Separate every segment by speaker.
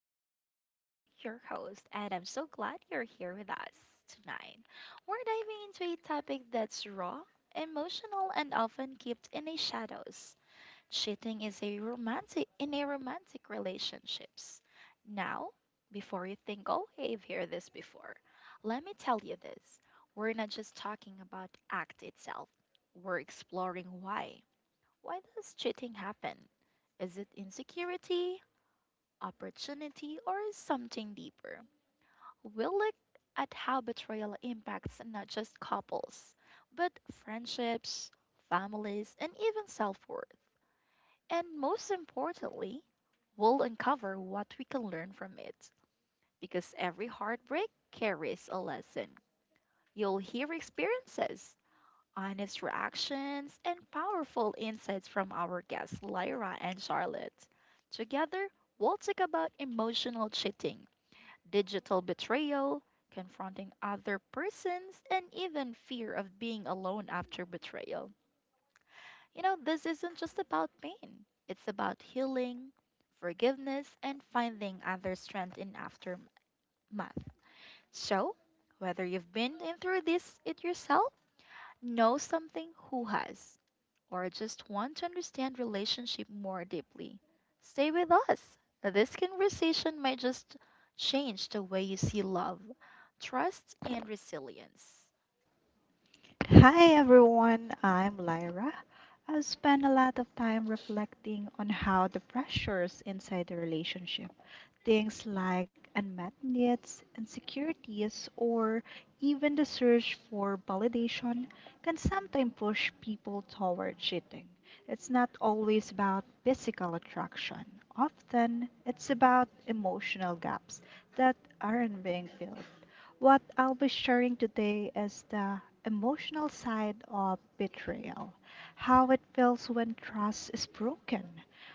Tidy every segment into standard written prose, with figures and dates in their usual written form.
Speaker 1: I'm Isabel, your host, and I'm so glad you're here with us tonight. We're diving into a topic that's raw, emotional, and often kept in the shadows. Cheating is a romantic in a romantic relationships. Now, before you think, oh, hey, I've heard this before, let me tell you this. We're not just talking about act itself. We're exploring why. Why does cheating happen? Is it insecurity, opportunity, or something deeper? We'll look at how betrayal impacts not just couples, but friendships, families, and even self worth. And most importantly, we'll uncover what we can learn from it because every heartbreak carries a lesson. You'll hear experiences honest reactions, and powerful insights from our guests, Lyra and Charlotte. Together, we'll talk about emotional cheating, digital betrayal, confronting other persons, and even fear of being alone after betrayal. You know, this isn't just about pain, it's about healing, forgiveness, and finding other strength in aftermath. So, whether you've been in through this it yourself, know something who has or just want to understand relationship more deeply, stay with us. This conversation might just change the way you see love, trust, and resilience.
Speaker 2: Hi everyone, I'm Lyra. I've spent a lot of time reflecting on how the pressures inside the relationship, things like unmet needs, insecurities, or even the search for validation, can sometimes push people toward cheating. It's not always about physical attraction, often, it's about emotional gaps that aren't being filled. What I'll be sharing today is the emotional side of betrayal, how it feels when trust is broken,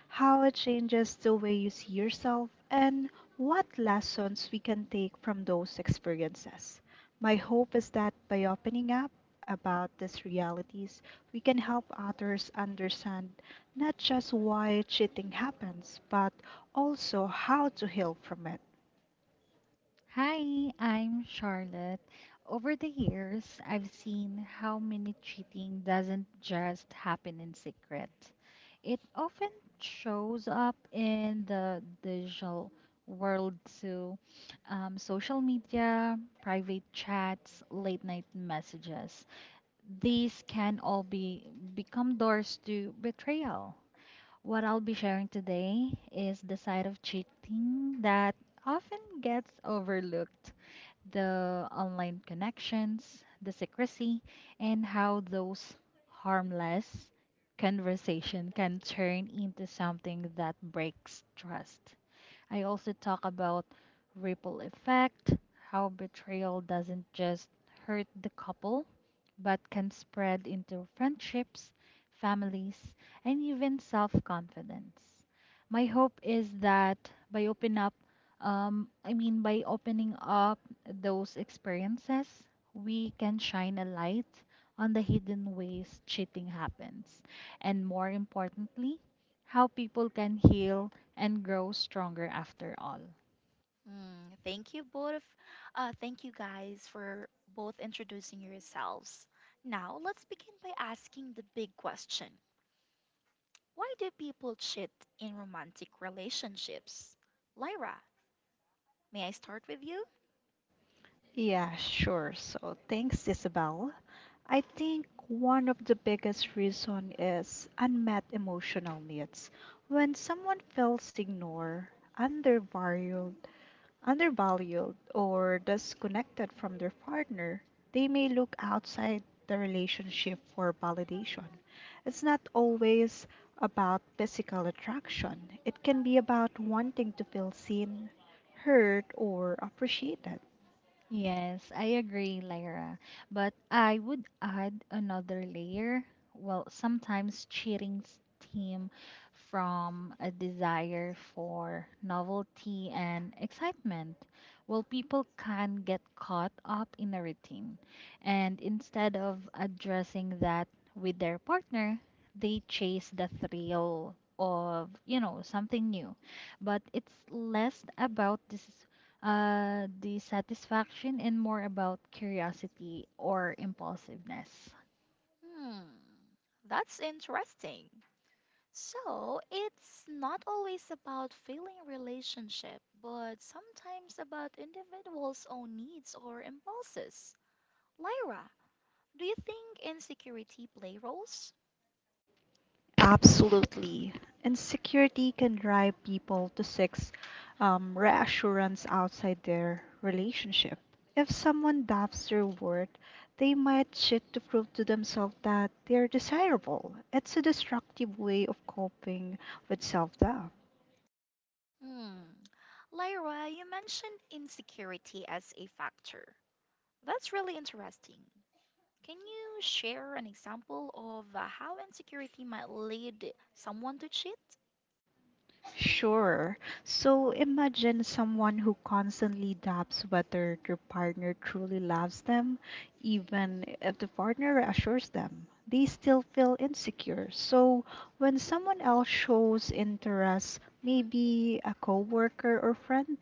Speaker 2: how it changes the way you see yourself, and what lessons we can take from those experiences. My hope is that by opening up about these realities, we can help others understand not just why cheating happens, but also how to heal from it.
Speaker 3: Hi, I'm Charlotte. Over the years, I've seen how many cheating doesn't just happen in secret. It often shows up in the digital world too. Social media, private chats, late night messages. These can all be become doors to betrayal. What I'll be sharing today is the side of cheating that often gets overlooked the online connections, the secrecy, and how those harmless conversation can turn into something that breaks trust. I also talk about ripple effect, how betrayal doesn't just hurt the couple, but can spread into friendships, families, and even self confidence. My hope is that by open up, by opening up those experiences, we can shine a light on the hidden ways cheating happens, and more importantly, how people can heal and grow stronger after all.
Speaker 1: Mm, thank you both. Thank you guys for both introducing yourselves. Now, let's begin by asking the big question. Why do people cheat in romantic relationships? Lyra, may I start with you?
Speaker 2: Yeah, sure. So thanks, Isabel. I think one of the biggest reason is unmet emotional needs. When someone feels ignored, undervalued, undervalued, or disconnected from their partner, they may look outside the relationship for validation. It's not always about physical attraction. It can be about wanting to feel seen, heard, or appreciated.
Speaker 3: Yes, I agree, Lyra. But I would add another layer. Well, sometimes cheating steam from a desire for novelty and excitement. Well, people can get caught up in a routine, and instead of addressing that with their partner, they chase the thrill of, you know, something new. But it's less about this dissatisfaction, and more about curiosity or impulsiveness.
Speaker 1: Hmm, that's interesting. So, it's not always about failing relationship, but sometimes about individuals' own needs or impulses. Lyra, do you think insecurity play roles?
Speaker 2: Absolutely. Insecurity can drive people to seek reassurance outside their relationship. If someone doubts their worth, they might cheat to prove to themselves that they are desirable. It's a destructive way of coping with self doubt.
Speaker 1: Hmm. Lyra, you mentioned insecurity as a factor. That's really interesting. Can you share an example of how insecurity might lead someone to cheat?
Speaker 2: Sure. So imagine someone who constantly doubts whether their partner truly loves them, even if the partner assures them. They still feel insecure. So when someone else shows interest, maybe a coworker or friend,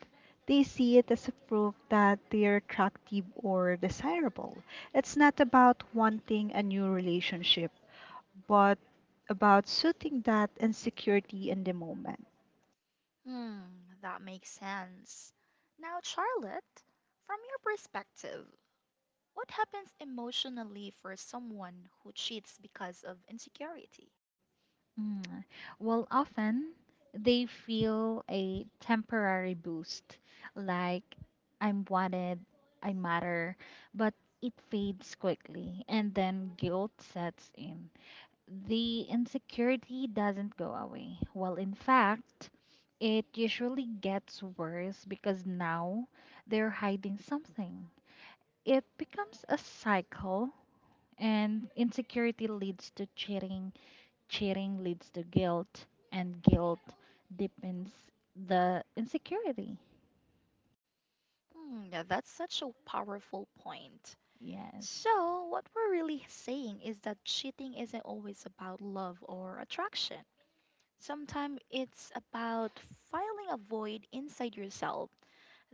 Speaker 2: they see it as a proof that they're attractive or desirable. It's not about wanting a new relationship, but about suiting that insecurity in the moment.
Speaker 1: Hmm, that makes sense. Now, Charlotte, from your perspective, what happens emotionally for someone who cheats because of insecurity?
Speaker 3: Mm. Well, often they feel a temporary boost, like I'm wanted, I matter, but it fades quickly, and then guilt sets in. The insecurity doesn't go away. Well, in fact, it usually gets worse because now they're hiding something. It becomes a cycle, and insecurity leads to cheating, cheating leads to guilt, and guilt deepens the insecurity.
Speaker 1: Hmm, yeah, that's such a powerful point.
Speaker 3: Yes.
Speaker 1: So, what we're really saying is that cheating isn't always about love or attraction. Sometimes it's about filling a void inside yourself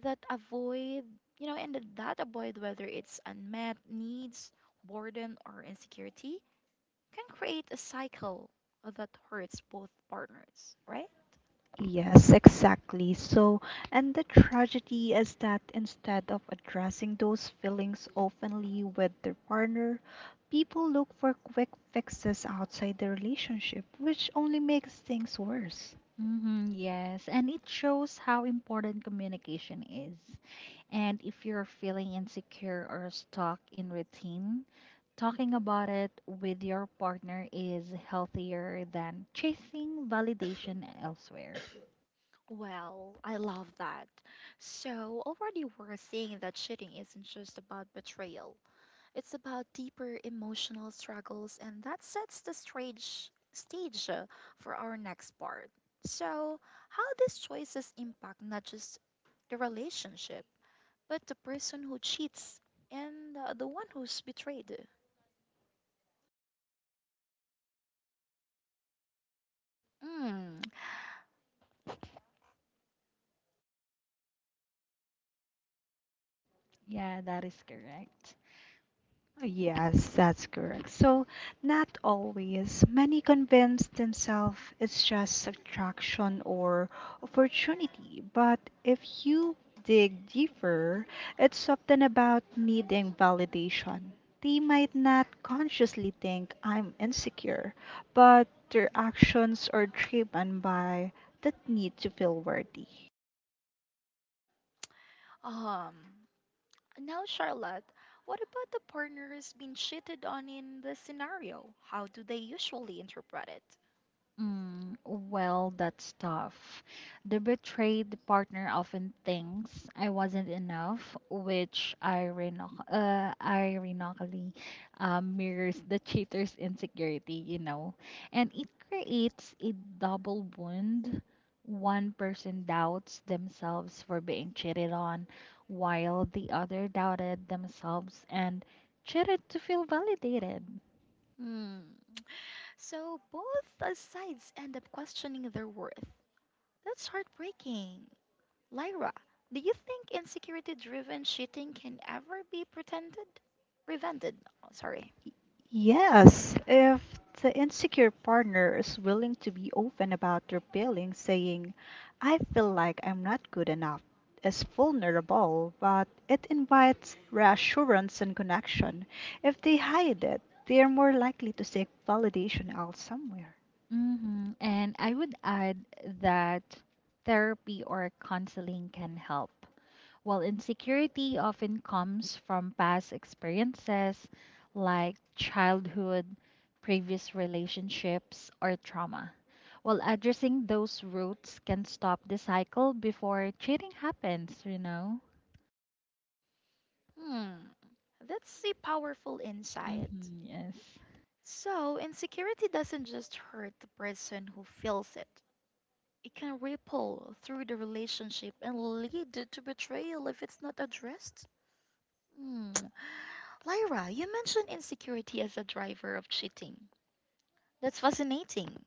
Speaker 1: that avoid, you know, and that avoid, whether it's unmet needs, boredom, or insecurity, can create a cycle that hurts both partners, right?
Speaker 2: Yes, exactly. So, and the tragedy is that instead of addressing those feelings openly with their partner, people look for quick fixes outside the relationship, which only makes things worse.
Speaker 3: Hmm, yes, and it shows how important communication is. And if you're feeling insecure or stuck in routine, talking about it with your partner is healthier than chasing validation elsewhere.
Speaker 1: Well, I love that. So, already we're seeing that cheating isn't just about betrayal, it's about deeper emotional struggles, and that sets the stage for our next part. So, how these choices impact not just the relationship, but the person who cheats and the one who's betrayed. Mm.
Speaker 3: Yeah, that is correct.
Speaker 2: Yes, that's correct. So, not always. Many convince themselves it's just attraction or opportunity, but if you dig deeper, it's often about needing validation. They might not consciously think I'm insecure, but their actions are driven by that need to feel worthy.
Speaker 1: Um. Now, Charlotte, what about the partner who's been cheated on in this scenario? How do they usually interpret it?
Speaker 3: Mm, well, that's tough. The betrayed partner often thinks I wasn't enough, which ironically mirrors the cheater's insecurity, you know. And it creates a double wound. One person doubts themselves for being cheated on, while the other doubted themselves and cheated to feel validated.
Speaker 1: Hmm. So both sides end up questioning their worth. That's heartbreaking. Lyra, do you think insecurity-driven cheating can ever be pretended? Prevented? Oh, sorry.
Speaker 2: Yes, if the insecure partner is willing to be open about their feelings, saying, I feel like I'm not good enough, is vulnerable, but it invites reassurance and connection. If they hide it, they are more likely to seek validation out somewhere.
Speaker 3: Hmm. And I would add that therapy or counseling can help. While insecurity often comes from past experiences like childhood, previous relationships, or trauma. While addressing those roots can stop the cycle before cheating happens, you know?
Speaker 1: Hmm. That's a powerful insight.
Speaker 3: Hmm, yes.
Speaker 1: So, insecurity doesn't just hurt the person who feels it. It can ripple through the relationship and lead to betrayal if it's not addressed. Hmm. Lyra, you mentioned insecurity as a driver of cheating. That's fascinating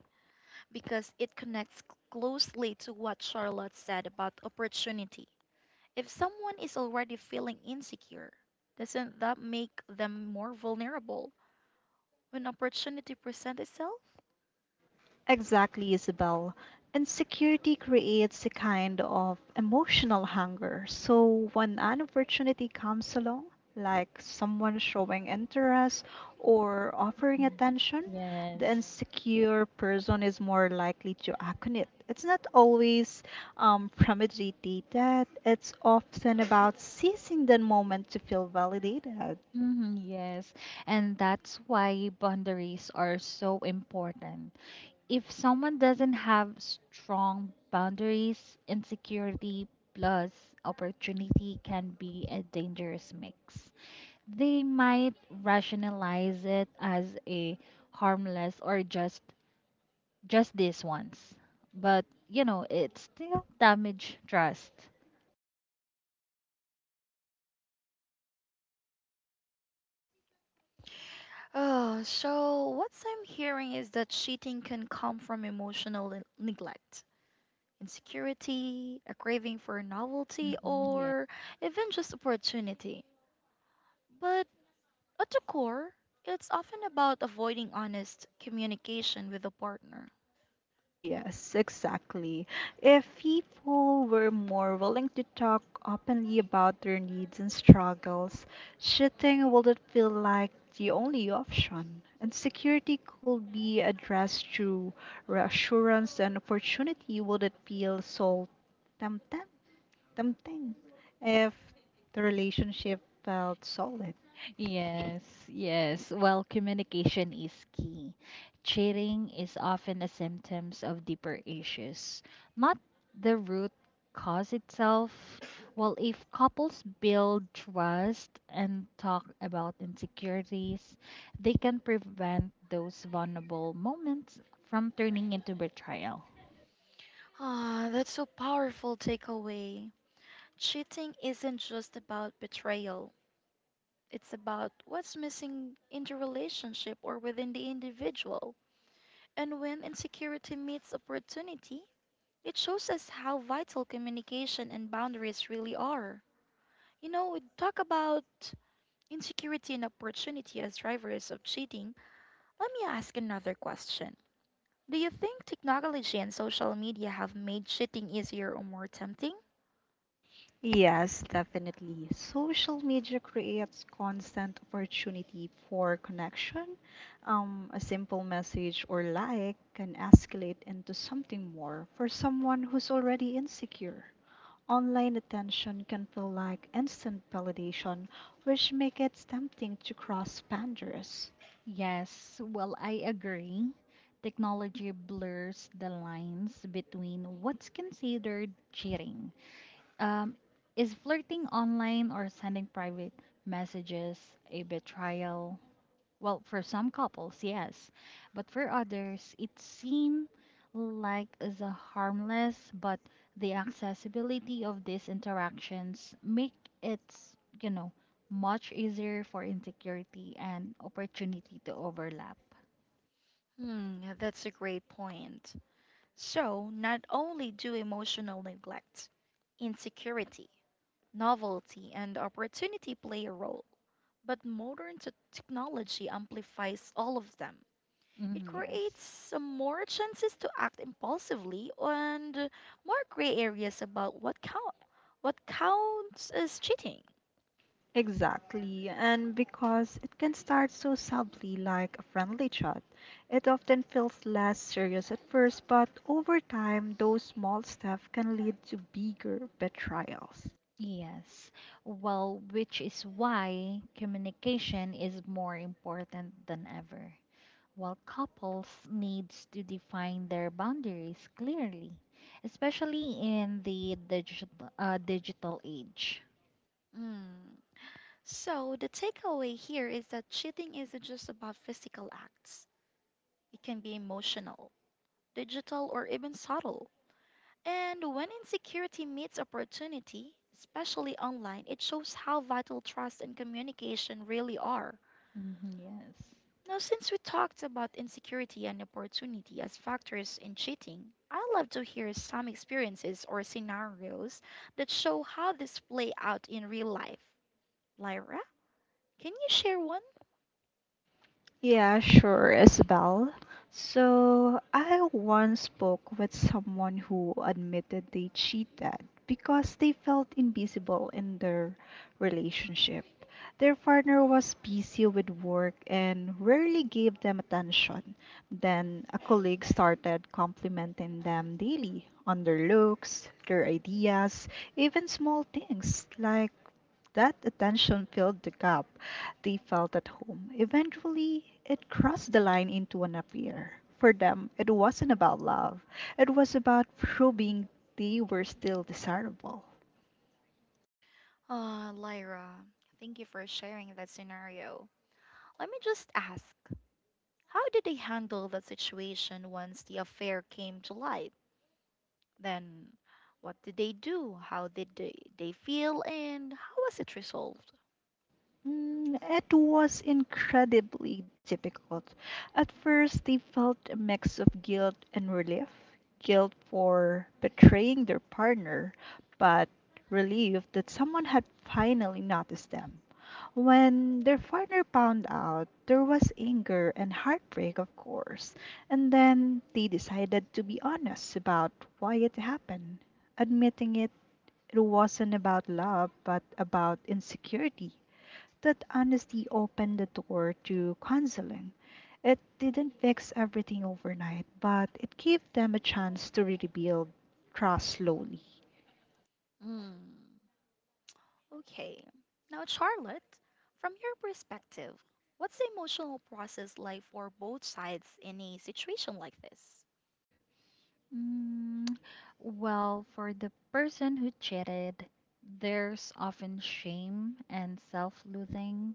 Speaker 1: because it connects closely to what Charlotte said about opportunity. If someone is already feeling insecure, doesn't that make them more vulnerable when opportunity presents itself?
Speaker 2: Exactly, Isabel. Insecurity creates a kind of emotional hunger. So when an opportunity comes along, like someone showing interest or offering
Speaker 3: Mm.
Speaker 2: attention,
Speaker 3: Yes.
Speaker 2: the insecure person is more likely to act on it. It's not always premeditated, it's often about seizing the moment to feel validated.
Speaker 3: Hmm, yes. And that's why boundaries are so important. If someone doesn't have strong boundaries, insecurity plus opportunity can be a dangerous mix. They might rationalize it as a harmless or just this once, but you know it still damage trust.
Speaker 1: Oh, so what I'm hearing is that cheating can come from emotional neglect, insecurity, a craving for novelty,
Speaker 3: Mhm.
Speaker 1: or even just opportunity. But at the core, it's often about avoiding honest communication with a partner.
Speaker 2: Yes, exactly. If people were more willing to talk openly about their needs and struggles, shifting wouldn't feel like the only option. Insecurity could be addressed through reassurance, and opportunity wouldn't feel so tempting, tempting if the relationship felt solid.
Speaker 3: Yes, yes. Well, communication is key. Cheating is often a symptom of deeper issues, not the root cause itself. Well, if couples build trust and talk about insecurities, they can prevent those vulnerable moments from turning into betrayal.
Speaker 1: Ah, that's so powerful takeaway. Cheating isn't just about betrayal. It's about what's missing in the relationship or within the individual. And when insecurity meets opportunity, it shows us how vital communication and boundaries really are. You know, we talk about insecurity and opportunity as drivers of cheating. Let me ask another question. Do you think technology and social media have made cheating easier or more tempting?
Speaker 2: Yes, definitely. Social media creates constant opportunity for connection. A simple message or like can escalate into something more for someone who's already insecure. Online attention can feel like instant validation, which makes it tempting to cross boundaries.
Speaker 3: Yes, well, I agree. Technology blurs the lines between what's considered cheating. Um, is flirting online or sending private messages a betrayal? Well, for some couples, yes, but for others, it seems like the harmless, but the accessibility of these interactions make it, you know, much easier for insecurity and opportunity to overlap.
Speaker 1: Hmm, that's a great point. So, not only do emotional neglect, insecurity, novelty, and opportunity play a role, but modern technology amplifies all of them. It
Speaker 3: Mhm, yes.
Speaker 1: creates more chances to act impulsively and more gray areas about what counts as cheating.
Speaker 2: Exactly, and because it can start so subtly like a friendly chat, it often feels less serious at first, but over time, those small steps can lead to bigger betrayals.
Speaker 3: Yes. Well, which is why communication is more important than ever. While couples needs to define their boundaries clearly, especially in the digital age.
Speaker 1: Mm. So the takeaway here is that cheating isn't just about physical acts. It can be emotional, digital, or even subtle. And when insecurity meets opportunity, especially online, it shows how vital trust and communication really are.
Speaker 3: Mhm, yes.
Speaker 1: Now, since we talked about insecurity and opportunity as factors in cheating, I'd love to hear some experiences or scenarios that show how this play out in real life. Lyra, can you share one?
Speaker 2: Yeah, sure, Isabel. So, I once spoke with someone who admitted they cheated because they felt invisible in their relationship. Their partner was busy with work and rarely gave them attention. Then, a colleague started complimenting them daily on their looks, their ideas, even small things like that attention filled the gap they felt at home. Eventually, it crossed the line into an affair. For them, it wasn't about love, it was about proving they were still desirable.
Speaker 1: Ah, Lyra, thank you for sharing that scenario. Let me just ask, how did they handle the situation once the affair came to light? Then, what did they do? How did they feel? And how was it resolved?
Speaker 2: It was incredibly difficult. At first, they felt a mix of guilt and relief guilt for betraying their partner, but relief that someone had finally noticed them. When their partner found out, there was anger and heartbreak, of course, and then they decided to be honest about why it happened, admitting it. It wasn't about love, but about insecurity that honesty opened the door to counseling. It didn't fix everything overnight, but it gave them a chance to rebuild trust slowly.
Speaker 1: Mm. Okay. Now, Charlotte, from your perspective, what's the emotional process like for both sides in a situation like this?
Speaker 3: Mm, well, for the person who cheated, there's often shame and self-loathing.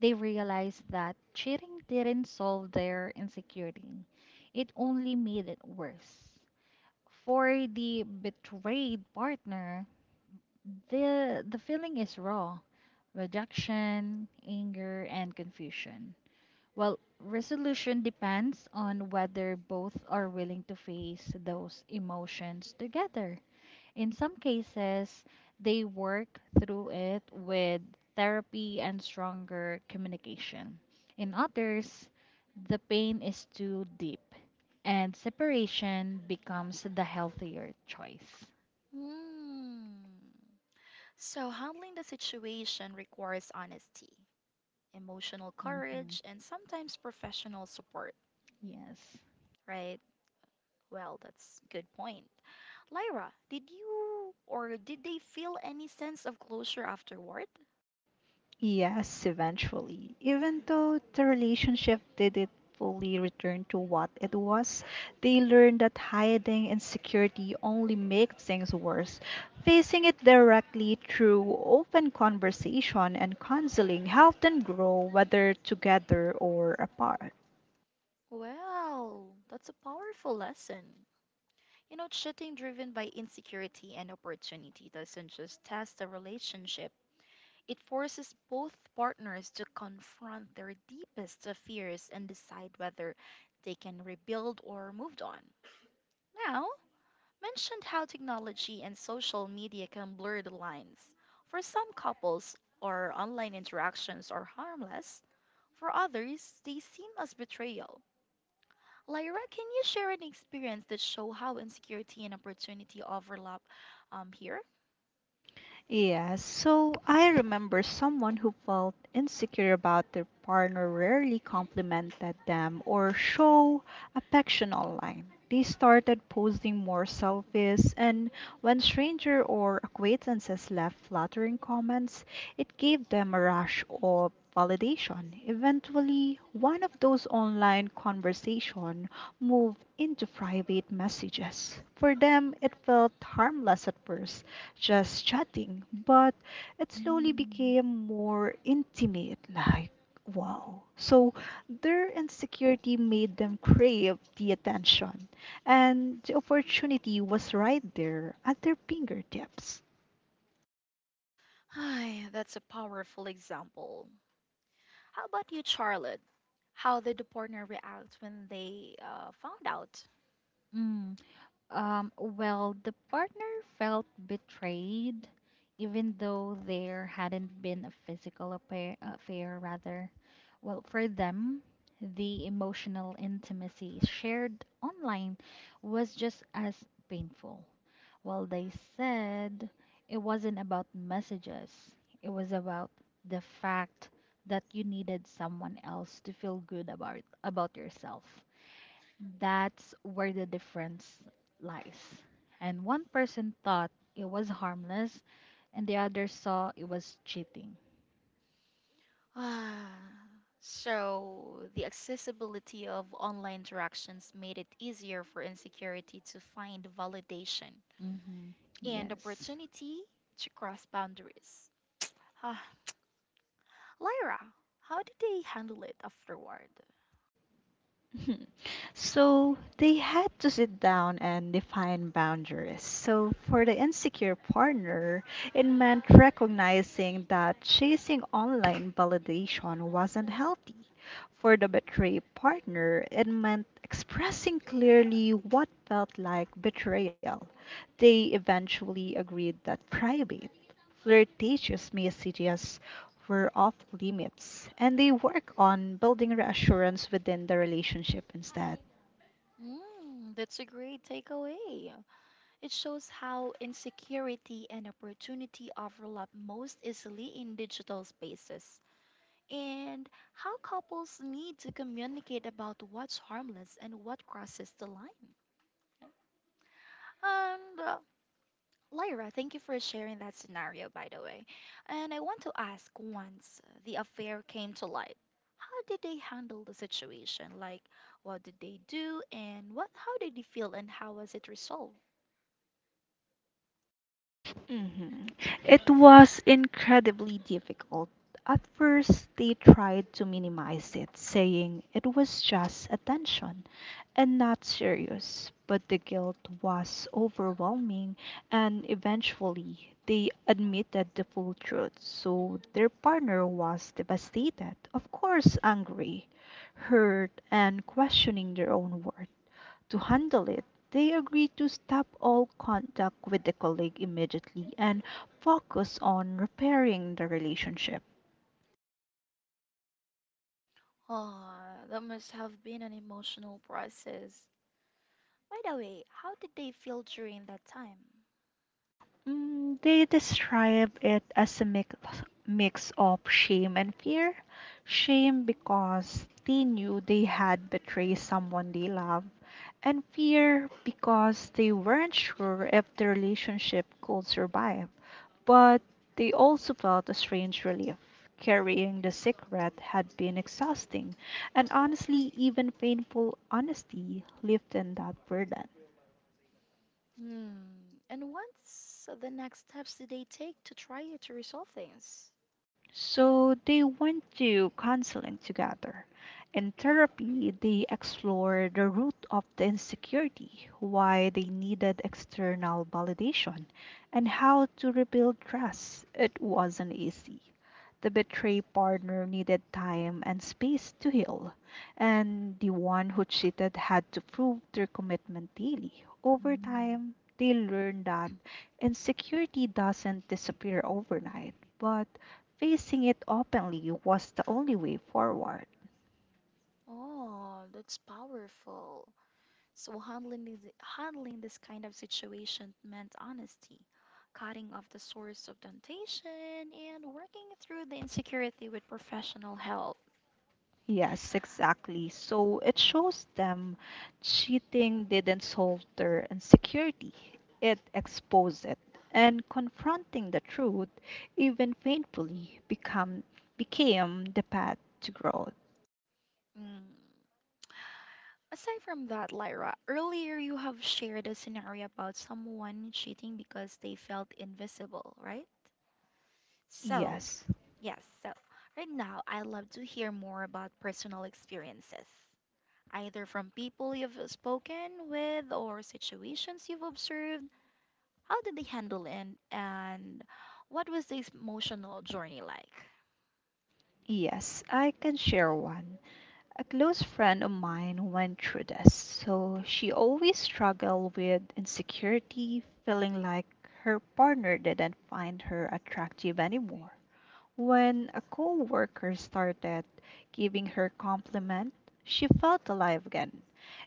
Speaker 3: They realized that cheating didn't solve their insecurity, it only made it worse. For the betrayed partner, the feeling is raw rejection, anger, and confusion. Well, resolution depends on whether both are willing to face those emotions together. In some cases, they work through it with therapy and stronger communication. In others, the pain is too deep, and separation becomes the healthier choice.
Speaker 1: Hmm. So, handling the situation requires honesty, emotional
Speaker 3: Hmm.
Speaker 1: courage, and sometimes professional support,
Speaker 3: Yes.
Speaker 1: right? Well, that's good point. Lyra, did you or did they feel any sense of closure afterward?
Speaker 2: Yes, eventually. Even though the relationship didn't fully return to what it was, they learned that hiding insecurity only makes things worse. Facing it directly through open conversation and counseling helped them grow, whether together or apart.
Speaker 1: Well, that's a powerful lesson. You know, cheating driven by insecurity and opportunity doesn't just test the relationship, it forces both partners to confront their deepest fears and decide whether they can rebuild or move on. Now, mentioned how technology and social media can blur the lines. For some couples, or online interactions are harmless. For others, they seem as betrayal. Lyra, can you share an experience that show how insecurity and opportunity overlap here?
Speaker 2: Yeah, so I remember someone who felt insecure about their partner rarely complimented them or show affection online. They started posting more selfies, and when stranger or acquaintances left flattering comments, it gave them a rush of validation. Eventually, one of those online conversations moved into private messages. For them, it felt harmless at first, just chatting, but it slowly
Speaker 3: Mm.
Speaker 2: became more intimate, like wow. So their insecurity made them crave the attention, and the opportunity was right there at their fingertips.
Speaker 1: Ay, that's a powerful example. How about you, Charlotte? How did the partner react when they found out?
Speaker 3: Mm. Well, the partner felt betrayed, even though there hadn't been a affair rather. Well, for them, the emotional intimacy shared online was just as painful. Well, they said it wasn't about messages, it was about the fact that you needed someone else to feel good about yourself. That's where the difference lies. And one person thought it was harmless, and the other saw it was cheating.
Speaker 1: Ah, so the accessibility of online interactions made it easier for insecurity to find validation
Speaker 3: Mm-hmm.
Speaker 1: and
Speaker 3: Yes.
Speaker 1: opportunity to cross boundaries. Ah, Lyra, how did they handle it afterward?
Speaker 2: Mhm. So they had to sit down and define boundaries. So for the insecure partner, it meant recognizing that chasing online validation wasn't healthy. For the betrayed partner, it meant expressing clearly what felt like betrayal. They eventually agreed that private, flirtatious messages were off limits, and they work on building reassurance within the relationship instead.
Speaker 1: Mm, that's a great takeaway. It shows how insecurity and opportunity overlap most easily in digital spaces, and how couples need to communicate about what's harmless and what crosses the line. And Lyra, thank you for sharing that scenario, by the way. And I want to ask once the affair came to light, how did they handle the situation? Like, what did they do, and what, how did they feel, and how was it resolved?
Speaker 2: Mhm. It was incredibly difficult. At first, they tried to minimize it, saying it was just attention and not serious. But the guilt was overwhelming, and eventually, they admitted the full truth. So, their partner was devastated, of course, angry, hurt, and questioning their own worth to handle it. They agreed to stop all contact with the colleague immediately and focus on repairing the relationship.
Speaker 1: Ah, that must have been an emotional process. By the way, how did they feel during that time?
Speaker 2: Mm, they describe it as a mix of shame and fear. Shame because they knew they had betrayed someone they love, and fear because they weren't sure if the relationship could survive. But they also felt a strange relief. Carrying the secret had been exhausting, and honestly, even painful honesty lifted that burden.
Speaker 1: Hmm. And what's the next steps did they take to try to resolve things?
Speaker 2: So they went to counseling together. In therapy, they explored the root of the insecurity, why they needed external validation, and how to rebuild trust. It wasn't easy. The betrayed partner needed time and space to heal, and the one who cheated had to prove their commitment daily. Over
Speaker 3: Mm-hmm.
Speaker 2: time, they learned that insecurity doesn't disappear overnight, but facing it openly was the only way forward.
Speaker 1: Oh, that's powerful. So handling this kind of situation meant honesty, cutting off the source of temptation, and working through the insecurity with professional help.
Speaker 2: Yes, exactly. So it shows them cheating didn't solve their insecurity, it exposed it. And confronting the truth, even painfully, became the path to growth.
Speaker 1: Hmm. Aside from that, Lyra, earlier you have shared a scenario about someone cheating because they felt invisible, right? So,
Speaker 2: Yes,
Speaker 1: yes, so right now I'd love to hear more about personal experiences, either from people you've spoken with or situations you've observed. How did they handle it, and what was the emotional journey like?
Speaker 2: yes, I can share one. A close friend of mine went through this. So she always struggled with insecurity, feeling like her partner didn't find her attractive anymore. When a co-worker started giving her compliment, she felt alive again.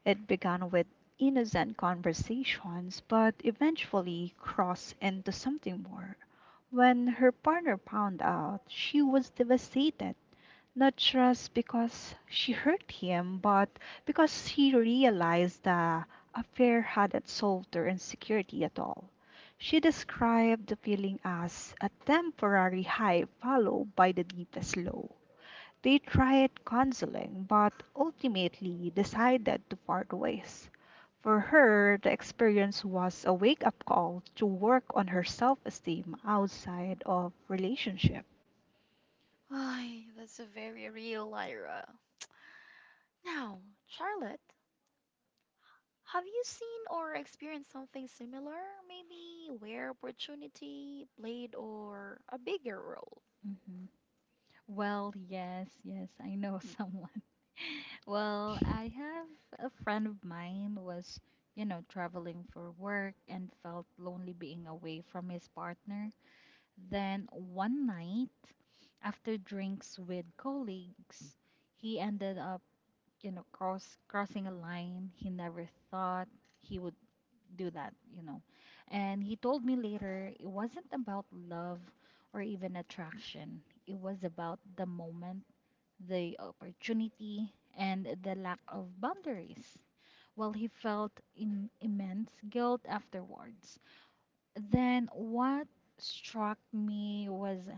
Speaker 2: It began with innocent conversations, but eventually crossed into something more. When her partner found out, she was devastated. Not just because she hurt him, but because she realized the affair hadn't solved her insecurity at all. She described the feeling as a temporary high followed by the deepest low. They tried counseling, but ultimately decided to part ways. For her, the experience was a wake up call to work on her self esteem outside of relationship.
Speaker 1: Ay, that's a very real Lyra. Now, Charlotte, have you seen or experienced something similar? Maybe where opportunity played or a bigger role?
Speaker 3: Mm-hmm. Well, yes, yes, I know someone. Well, I have a friend of mine was, you know, traveling for work and felt lonely being away from his partner. Then one night, after drinks with colleagues, he ended up, you know, crossing a line. He never thought he would do that, you know. And he told me later it wasn't about love or even attraction. It was about the moment, the opportunity, and the lack of boundaries. While he felt in immense guilt afterwards. Then what struck me was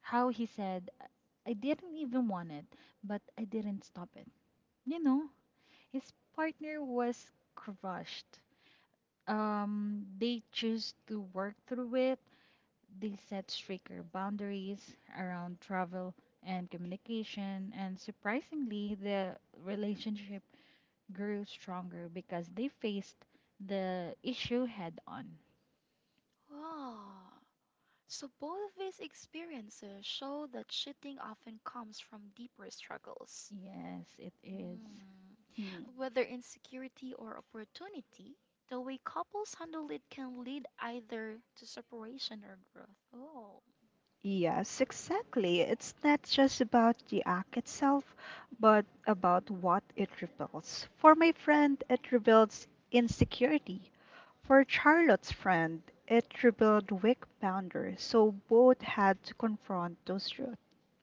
Speaker 3: how he said, I didn't even want it, but I didn't stop it. You know, his partner was crushed. They chose to work through it. They set stricter boundaries around travel and communication, and surprisingly, the relationship grew stronger because they faced the issue head on.
Speaker 1: Ah, so both of these experiences show that cheating often comes from deeper struggles.
Speaker 3: Yes, it is.
Speaker 1: Hmm. Whether insecurity or opportunity, the way couples handle it can lead either to separation or growth. Oh.
Speaker 2: Yes, exactly. It's not just about the act itself, but about what it reveals. For my friend, it reveals insecurity. For Charlotte's friend, it revealed weak boundaries, so both had to confront those truths.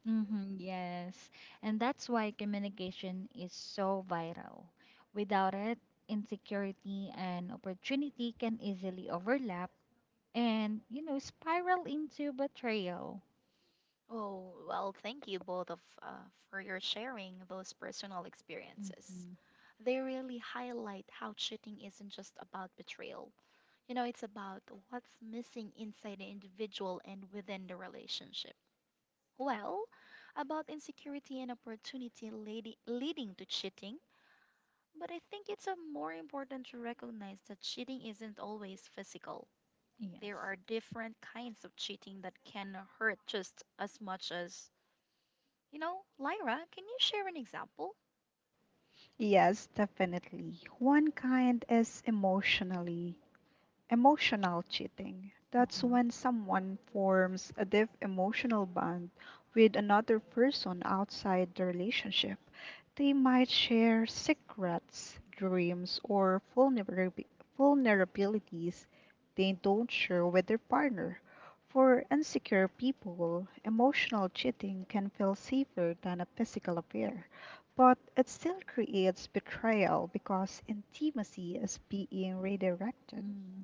Speaker 3: Mm-hmm, yes. And that's why communication is so vital. Without it, insecurity and opportunity can easily overlap and, you know, spiral into betrayal.
Speaker 1: Oh, well, thank you both of for your sharing those personal experiences.
Speaker 3: Mm-hmm.
Speaker 1: They really highlight how cheating isn't just about betrayal. You know, it's about what's missing inside the individual and within the relationship. Well, about insecurity and opportunity leading to cheating, but I think it's a more important to recognize that cheating isn't always physical. There
Speaker 3: Yes.
Speaker 1: are different kinds of cheating that can hurt just as much as, you know, Lyra, can you share an example?
Speaker 2: Yes, definitely. One kind is emotional cheating. That's
Speaker 3: Mm-hmm.
Speaker 2: when someone forms a deep emotional bond with another person outside the relationship. They might share secrets, dreams, or vulnerabilities they don't share with their partner. For insecure people, emotional cheating can feel safer than a physical affair, but it still creates betrayal because intimacy is being redirected.
Speaker 3: Mm.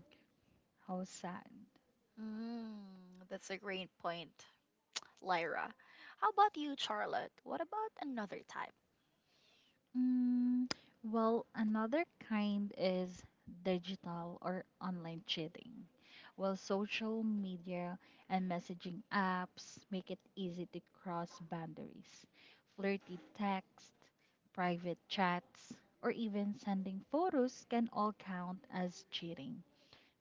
Speaker 3: How sad.
Speaker 1: Mm, that's a great point. Lyra. How about you, Charlotte? What about another type?
Speaker 3: Mm, well, another kind is digital or online cheating. Well, social media and messaging apps make it easy to cross boundaries. Flirty text, private chats, or even sending photos can all count as cheating,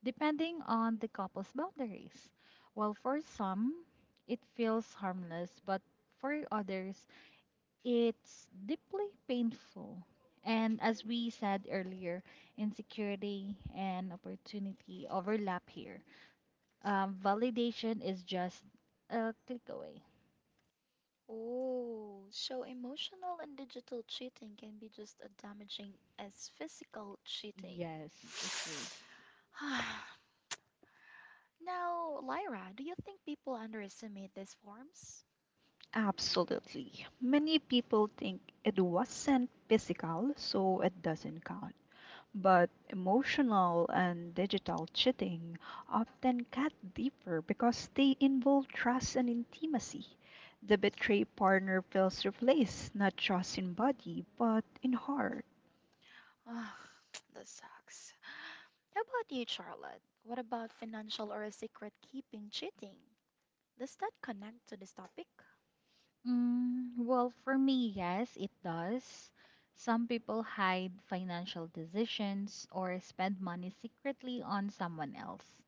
Speaker 3: depending on the couple's boundaries. While for some, it feels harmless, but for others, it's deeply painful. And as we said earlier, insecurity and opportunity overlap here. Validation is just a click away.
Speaker 1: Oh, so emotional and digital cheating can be just as damaging as physical cheating.
Speaker 3: Yes, it is.
Speaker 1: Now, Lyra, do you think people underestimate these forms?
Speaker 2: Absolutely. Many people think it wasn't physical, so it doesn't count. But emotional and digital cheating often cut deeper because they involve trust and intimacy. The betrayed partner feels replaced not just in body, but in heart.
Speaker 1: Ah, that sucks. How about you, Charlotte? What about financial or secret keeping cheating? Does that connect to this topic?
Speaker 3: Mm, well, for me, yes, it does. Some people hide financial decisions or spend money secretly on someone else.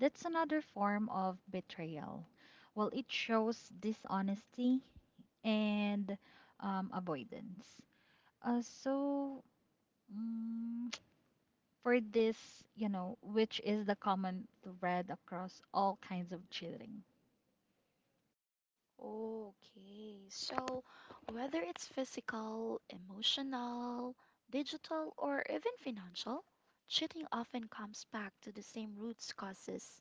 Speaker 3: That's another form of betrayal. Well, it shows dishonesty and avoidance. So, mm, for this, you know, which is the common thread across all kinds of cheating.
Speaker 1: Okay, so whether it's physical, emotional, digital, or even financial, cheating often comes back to the same root causes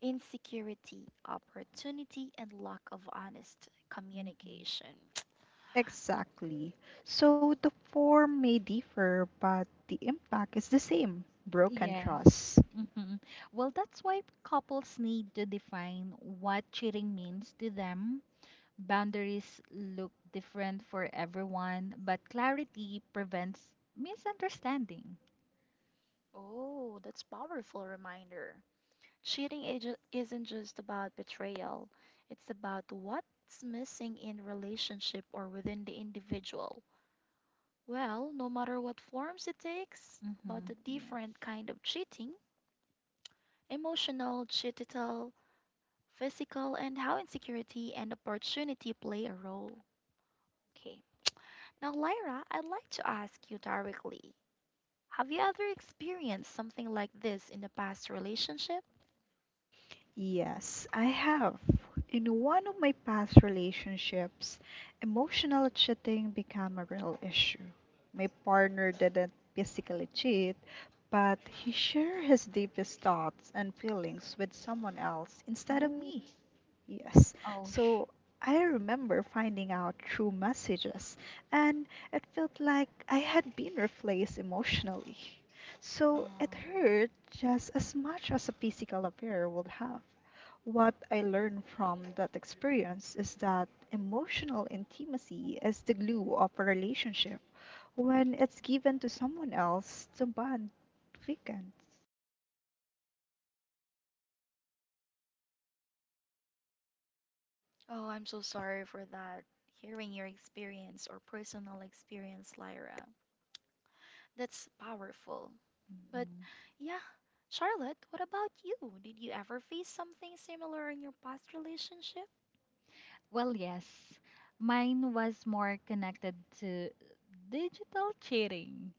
Speaker 1: insecurity, opportunity, and lack of honest
Speaker 3: Hmm.
Speaker 1: communication.
Speaker 2: Exactly. So the form may differ, but the impact is the same broken
Speaker 3: Yes.
Speaker 2: trust.
Speaker 3: Hmm. Well, that's why couples need to define what cheating means to them. Boundaries look different for everyone, but clarity prevents misunderstanding.
Speaker 1: Oh, that's powerful reminder. Cheating isn't just about betrayal, it's about what's missing in relationship or within the individual. Well, no matter what forms it takes, about
Speaker 3: Mm-hmm.
Speaker 1: the
Speaker 3: Yes.
Speaker 1: different kind of cheating, emotional, digital, physical, and how insecurity and opportunity play a role. Okay. Now, Lyra, I'd like to ask you directly. Have you ever experienced something like this in the past relationship?
Speaker 2: Yes, I have. In one of my past relationships, emotional cheating became a real issue. My partner didn't physically cheat, but he shared his deepest thoughts and feelings with someone else instead of
Speaker 3: Oh,
Speaker 2: me. Yes,
Speaker 3: oh, sh-,
Speaker 2: so I remember finding out through messages, and it felt like I had been replaced emotionally. So it
Speaker 1: Um.
Speaker 2: hurt just as much as a physical affair would have. What I learned from that experience is that emotional intimacy is the glue of a relationship. When it's given to someone else, the bond weakens.
Speaker 1: Oh, I'm so sorry for that. Hearing your experience or personal experience, Lyra. That's powerful. But yeah, Charlotte, what about you? Did you ever face something similar in your past relationship?
Speaker 3: well, yes. Mine was more connected to digital cheating.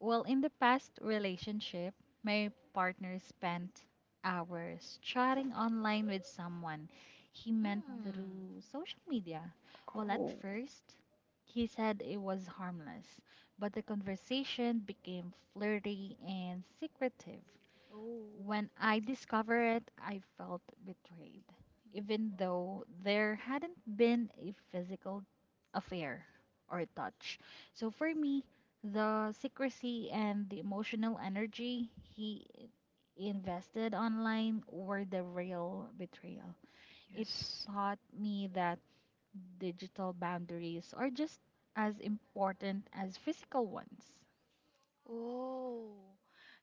Speaker 3: Well, in the past relationship, my partner spent hours chatting online with someone he
Speaker 1: Mm.
Speaker 3: met
Speaker 1: Mm.
Speaker 3: through social media. Well, at
Speaker 2: Oh,
Speaker 3: first, he said it was harmless, but the conversation became flirty and secretive.
Speaker 1: Oh.
Speaker 3: When I discovered it, I felt betrayed, even though there hadn't been a physical affair or touch. So for me, the secrecy and the emotional energy he invested online were the real betrayal. It
Speaker 2: yes.
Speaker 3: taught me that digital boundaries are just as important as physical ones.
Speaker 1: Oh,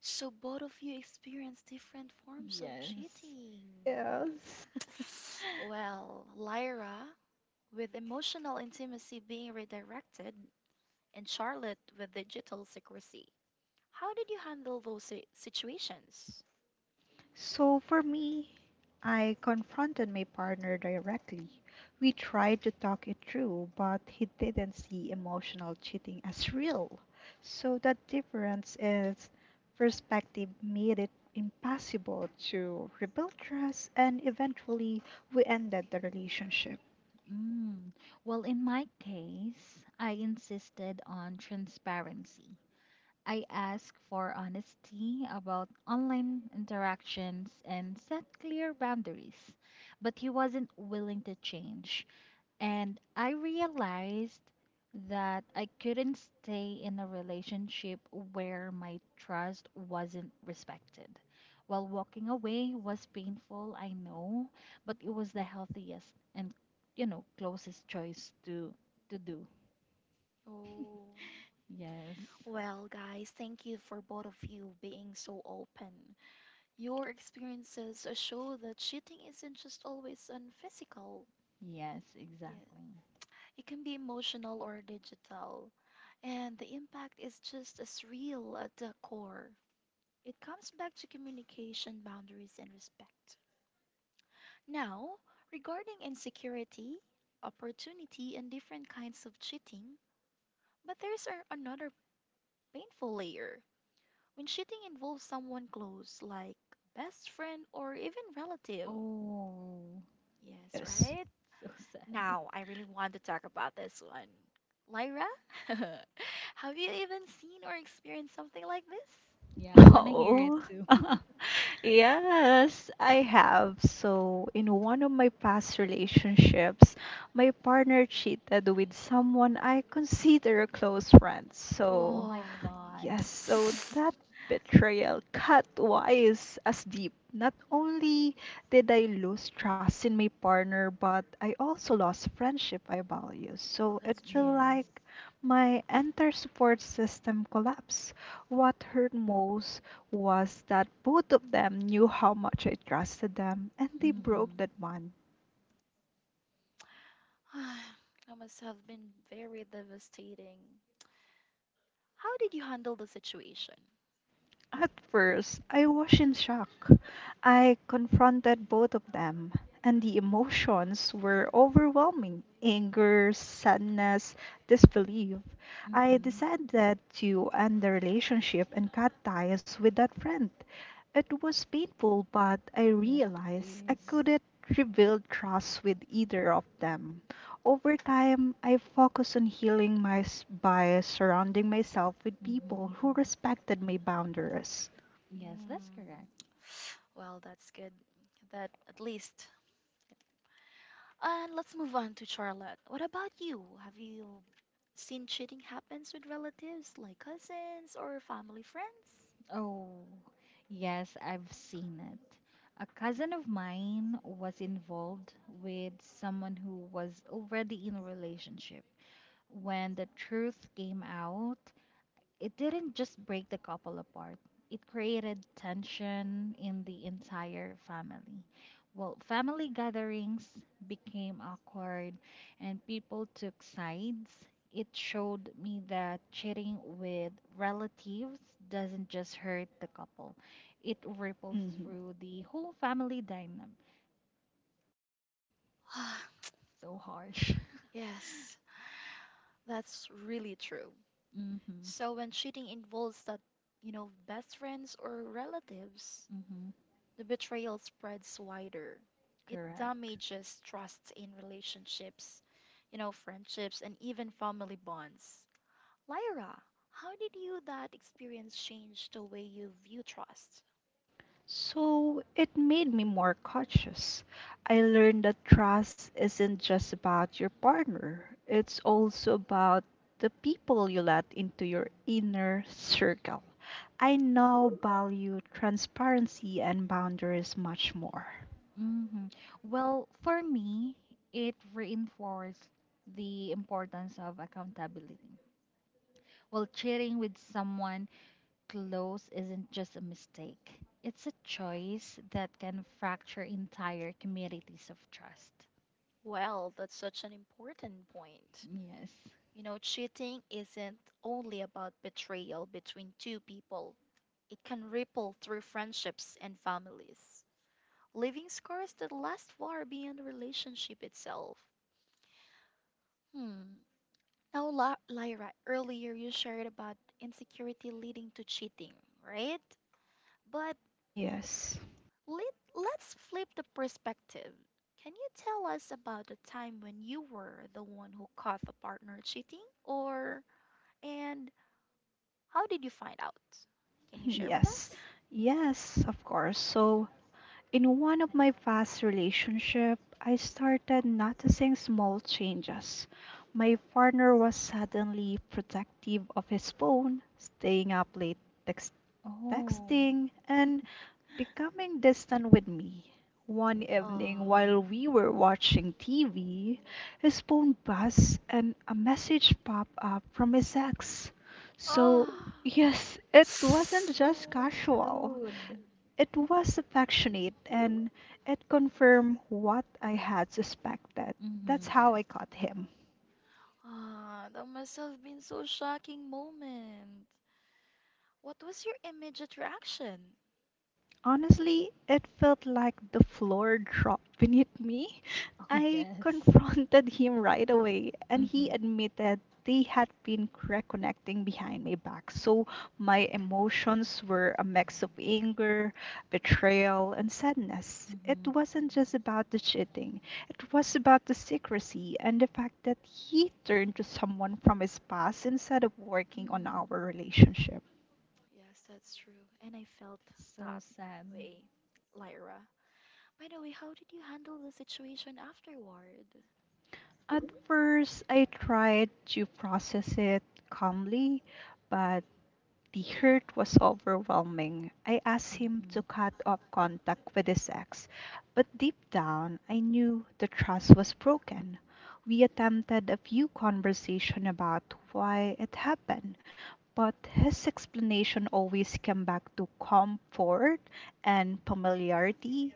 Speaker 1: so both of you experienced different forms of
Speaker 3: Yes.
Speaker 1: cheating.
Speaker 2: Yes.
Speaker 1: Well, Lyra, with emotional intimacy being redirected, and Charlotte with digital secrecy. How did you handle those situations?
Speaker 2: So for me, I confronted my partner directly. We tried to talk it through, but he didn't see emotional cheating as real. So that difference is perspective made it impossible to rebuild trust and eventually we ended the relationship.
Speaker 3: Mm. Well, in my case, I insisted on transparency. I asked for honesty about online interactions and set clear boundaries, but he wasn't willing to change. And I realized that I couldn't stay in a relationship where my trust wasn't respected. While walking away was painful, I know, but it was the healthiest and, you know, closest choice to do.
Speaker 1: Oh.
Speaker 3: Yes.
Speaker 1: Well, guys, thank you for both of you being so open. Your experiences show that cheating isn't just always on physical.
Speaker 3: Yes,
Speaker 1: Yeah.
Speaker 3: exactly.
Speaker 1: It can be emotional or digital, and the impact is just as real at the core. It comes back to communication, boundaries, and respect. Now, regarding insecurity, opportunity, and different kinds of cheating, but there's another painful layer when cheating involves someone close, like best friend or even relative.
Speaker 3: Oh,
Speaker 1: Yes,
Speaker 2: Yes.
Speaker 1: right?
Speaker 3: so sad.
Speaker 1: Now, I really want to talk about this one. Lyra, have you even seen or experienced something like this?
Speaker 3: Yeah, I want to hear it
Speaker 2: Oh,
Speaker 3: too.
Speaker 2: yes, I have. So, in one of my past relationships, my partner cheated with someone I consider a close friend.
Speaker 3: Oh
Speaker 2: So,
Speaker 3: my
Speaker 1: Oh,
Speaker 3: God.
Speaker 2: yes, so that betrayal cut wise as deep. Not only did I lose trust in my partner, but I also lost friendship I value.
Speaker 1: well,
Speaker 2: So it
Speaker 1: that's true.
Speaker 2: felt
Speaker 3: Yes.
Speaker 2: like my entire support system collapsed. What hurt most was that both of them knew how much I trusted them and they
Speaker 1: Hmm.
Speaker 2: broke
Speaker 3: Mm-hmm.
Speaker 2: that bond.
Speaker 1: That must have been very devastating. How did you handle the situation?
Speaker 2: At first, I was in shock. I confronted both of them, and the emotions were overwhelming anger, sadness, disbelief. I
Speaker 3: Mm-hmm.
Speaker 2: decided to end the relationship and cut ties with that friend. It was painful, but I
Speaker 3: Yes, it
Speaker 2: realized I
Speaker 3: is.
Speaker 2: couldn't rebuild trust with either of them. Over time, I focused on healing by surrounding myself with people
Speaker 3: Mm-hmm.
Speaker 2: who respected my boundaries.
Speaker 3: Yes, that's
Speaker 1: Mm,
Speaker 3: correct.
Speaker 1: well, that's good that at least. And let's move on to Charlotte. What about you? Have you seen cheating happens with relatives like cousins or family friends?
Speaker 3: Oh, yes, I've seen it. A cousin of mine was involved with someone who was already in a relationship. When the truth came out, it didn't just break the couple apart. It created tension in the entire family. Well, family gatherings became awkward and people took sides. It showed me that cheating with relatives doesn't just hurt the couple, it ripples
Speaker 2: Mhm.
Speaker 3: through the whole family dynamic. So harsh.
Speaker 1: Yes, that's really true.
Speaker 3: Mm-hmm.
Speaker 1: So when cheating involves that, you know, best friends or relatives,
Speaker 3: Mm-hmm.
Speaker 1: the betrayal spreads wider. It
Speaker 3: Correct.
Speaker 1: damages trust in relationships, you know, friendships and even family bonds. Lyra, how did you that experience change the way you view trust?
Speaker 2: So it made me more cautious. I learned that trust isn't just about your partner, it's also about the people you let into your inner circle. I now value transparency and boundaries much more.
Speaker 3: Hmm. Well, for me, it reinforced the importance of accountability. Well, cheating with someone close isn't just a mistake, it's a choice that can fracture entire communities of trust.
Speaker 1: Well, that's such an important point.
Speaker 3: Yes.
Speaker 1: You know, cheating isn't only about betrayal between two people, it can ripple through friendships and families, leaving scars that last far beyond the relationship itself. Hmm. Now, Lyra, earlier you shared about insecurity leading to cheating, right? But
Speaker 2: Yes,
Speaker 1: let's flip the perspective. Can you tell us about the time when you were the one who caught the partner cheating? Or, and how did you find out? Can you share with
Speaker 2: yes,
Speaker 1: us?
Speaker 2: yes, of course. So in one of my past relationships, I started noticing small changes. My partner was suddenly protective of his phone, staying up late text-
Speaker 3: Oh,
Speaker 2: texting, and becoming distant with me. One evening,
Speaker 1: Oh.
Speaker 2: while we were watching TV, his phone buzzed and a message popped up from his ex. So,
Speaker 1: Oh.
Speaker 2: yes, it
Speaker 3: that's
Speaker 2: wasn't just
Speaker 3: so
Speaker 2: casual.
Speaker 3: rude.
Speaker 2: It was affectionate and it confirmed what I had suspected.
Speaker 3: Mm-hmm,
Speaker 2: That's how
Speaker 3: yes.
Speaker 2: I caught him.
Speaker 1: Ah, that must have been so shocking moment. What was your immediate reaction?
Speaker 2: Honestly, it felt like the floor dropped beneath me.
Speaker 3: Oh,
Speaker 2: I
Speaker 3: yes.
Speaker 2: confronted him right away, and he
Speaker 3: Mm-hmm.
Speaker 2: admitted they had been reconnecting behind my back. So my emotions were a mix of anger, betrayal, and sadness. It
Speaker 3: Mm-hmm.
Speaker 2: wasn't just about the cheating, it was about the secrecy and the fact that he turned to someone from his past instead of working on our
Speaker 1: Hmm.
Speaker 2: relationship.
Speaker 1: Yes, that's true. And I felt
Speaker 3: So
Speaker 1: that
Speaker 3: sad.
Speaker 1: way, Lyra. By the way, how did you handle the situation afterward?
Speaker 2: At first, I tried to process it calmly, but the hurt was overwhelming. I asked him
Speaker 3: Mm-hmm.
Speaker 2: to cut off contact with his ex, but deep down I knew the trust was broken. We attempted a few conversation about why it happened, but his explanation always came back to comfort and familiarity.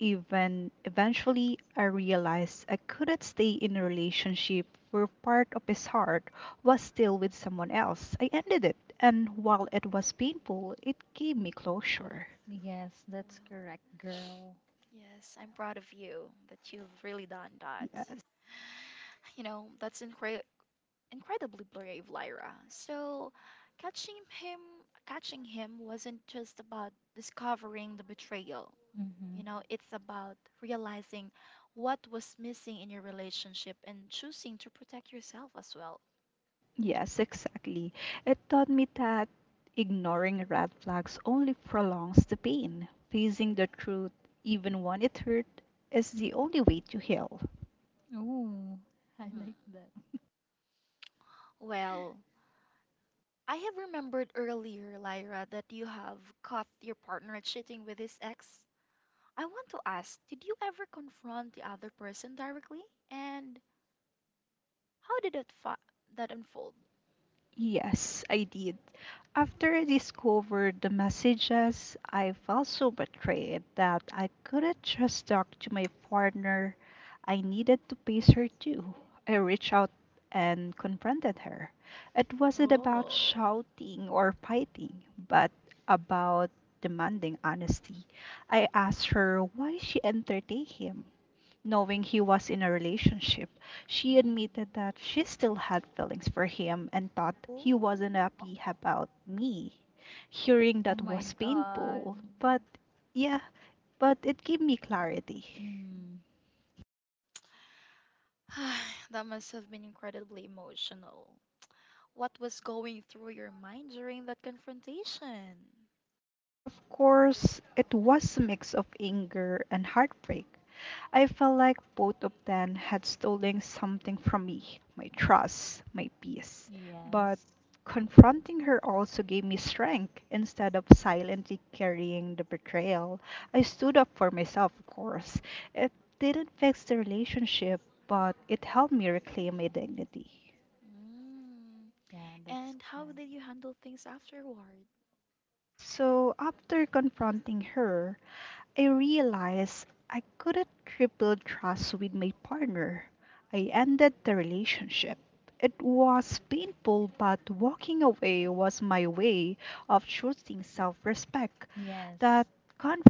Speaker 2: Even eventually I realized I couldn't stay in a relationship where part of his heart was still with someone else. I ended it, and while it was painful, it gave me closure.
Speaker 3: Yes, that's
Speaker 1: Well,
Speaker 3: correct, girl.
Speaker 1: yes, I'm proud of you that you've really done that.
Speaker 2: Yes,
Speaker 1: You know, that's incredibly brave, Lyra. So catching him catching him wasn't just about discovering the betrayal. You
Speaker 3: Mhm.
Speaker 1: know, it's about realizing what was missing in your relationship and choosing to protect yourself as well.
Speaker 2: yes, exactly. It taught me that ignoring red flags only prolongs the pain. Facing the truth, even when it hurt, is the only way to heal.
Speaker 3: Oh, I
Speaker 1: Mm.
Speaker 3: like that.
Speaker 1: Well, I have remembered earlier, Lyra, that you have caught your partner cheating with his ex. I want to ask, did you ever confront the other person directly? And how did it that unfold?
Speaker 2: Yes, I did. After I discovered the messages, I felt so betrayed that I couldn't just talk to my partner. I needed to face her too. I reached out and confronted her. It wasn't about
Speaker 1: Oh.
Speaker 2: shouting or fighting, but about demanding honesty. I asked her why she entertained him knowing he was in a relationship. She admitted
Speaker 1: Mm.
Speaker 2: that she still had feelings for him and thought he wasn't
Speaker 1: Oh.
Speaker 3: Oh,
Speaker 2: happy about me. Hearing
Speaker 3: oh
Speaker 2: that
Speaker 3: my
Speaker 2: was
Speaker 3: God.
Speaker 2: painful, but yeah, but it gave me clarity.
Speaker 3: Mm.
Speaker 1: That must have been incredibly emotional. What was going through your mind during that confrontation?
Speaker 2: Of course, it was a mix of anger and heartbreak. I felt like both of them had stolen something from me my trust, my peace. But
Speaker 3: Yes.
Speaker 2: confronting her also gave me strength. Instead of silently carrying the betrayal, I stood up for myself, of course. It didn't fix the relationship, but it helped me reclaim my dignity.
Speaker 1: Mm.
Speaker 3: Yeah, that's
Speaker 1: And how
Speaker 3: correct.
Speaker 1: did you handle things afterward?
Speaker 2: So, after confronting her, I realized I couldn't rebuild trust with my partner. I ended the relationship. It was painful, but walking away was my way of choosing self respect.
Speaker 3: Yes.
Speaker 2: That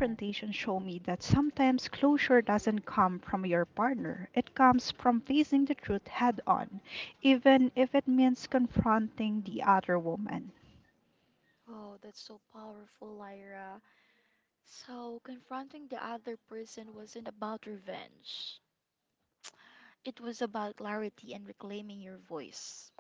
Speaker 3: Yes.
Speaker 2: showed me that sometimes closure doesn't come from your partner, it comes from facing the truth head on, even if it means confronting the other woman.
Speaker 1: Oh, that's so powerful, Lyra. So, confronting the other person wasn't about revenge, it was about clarity and reclaiming your voice.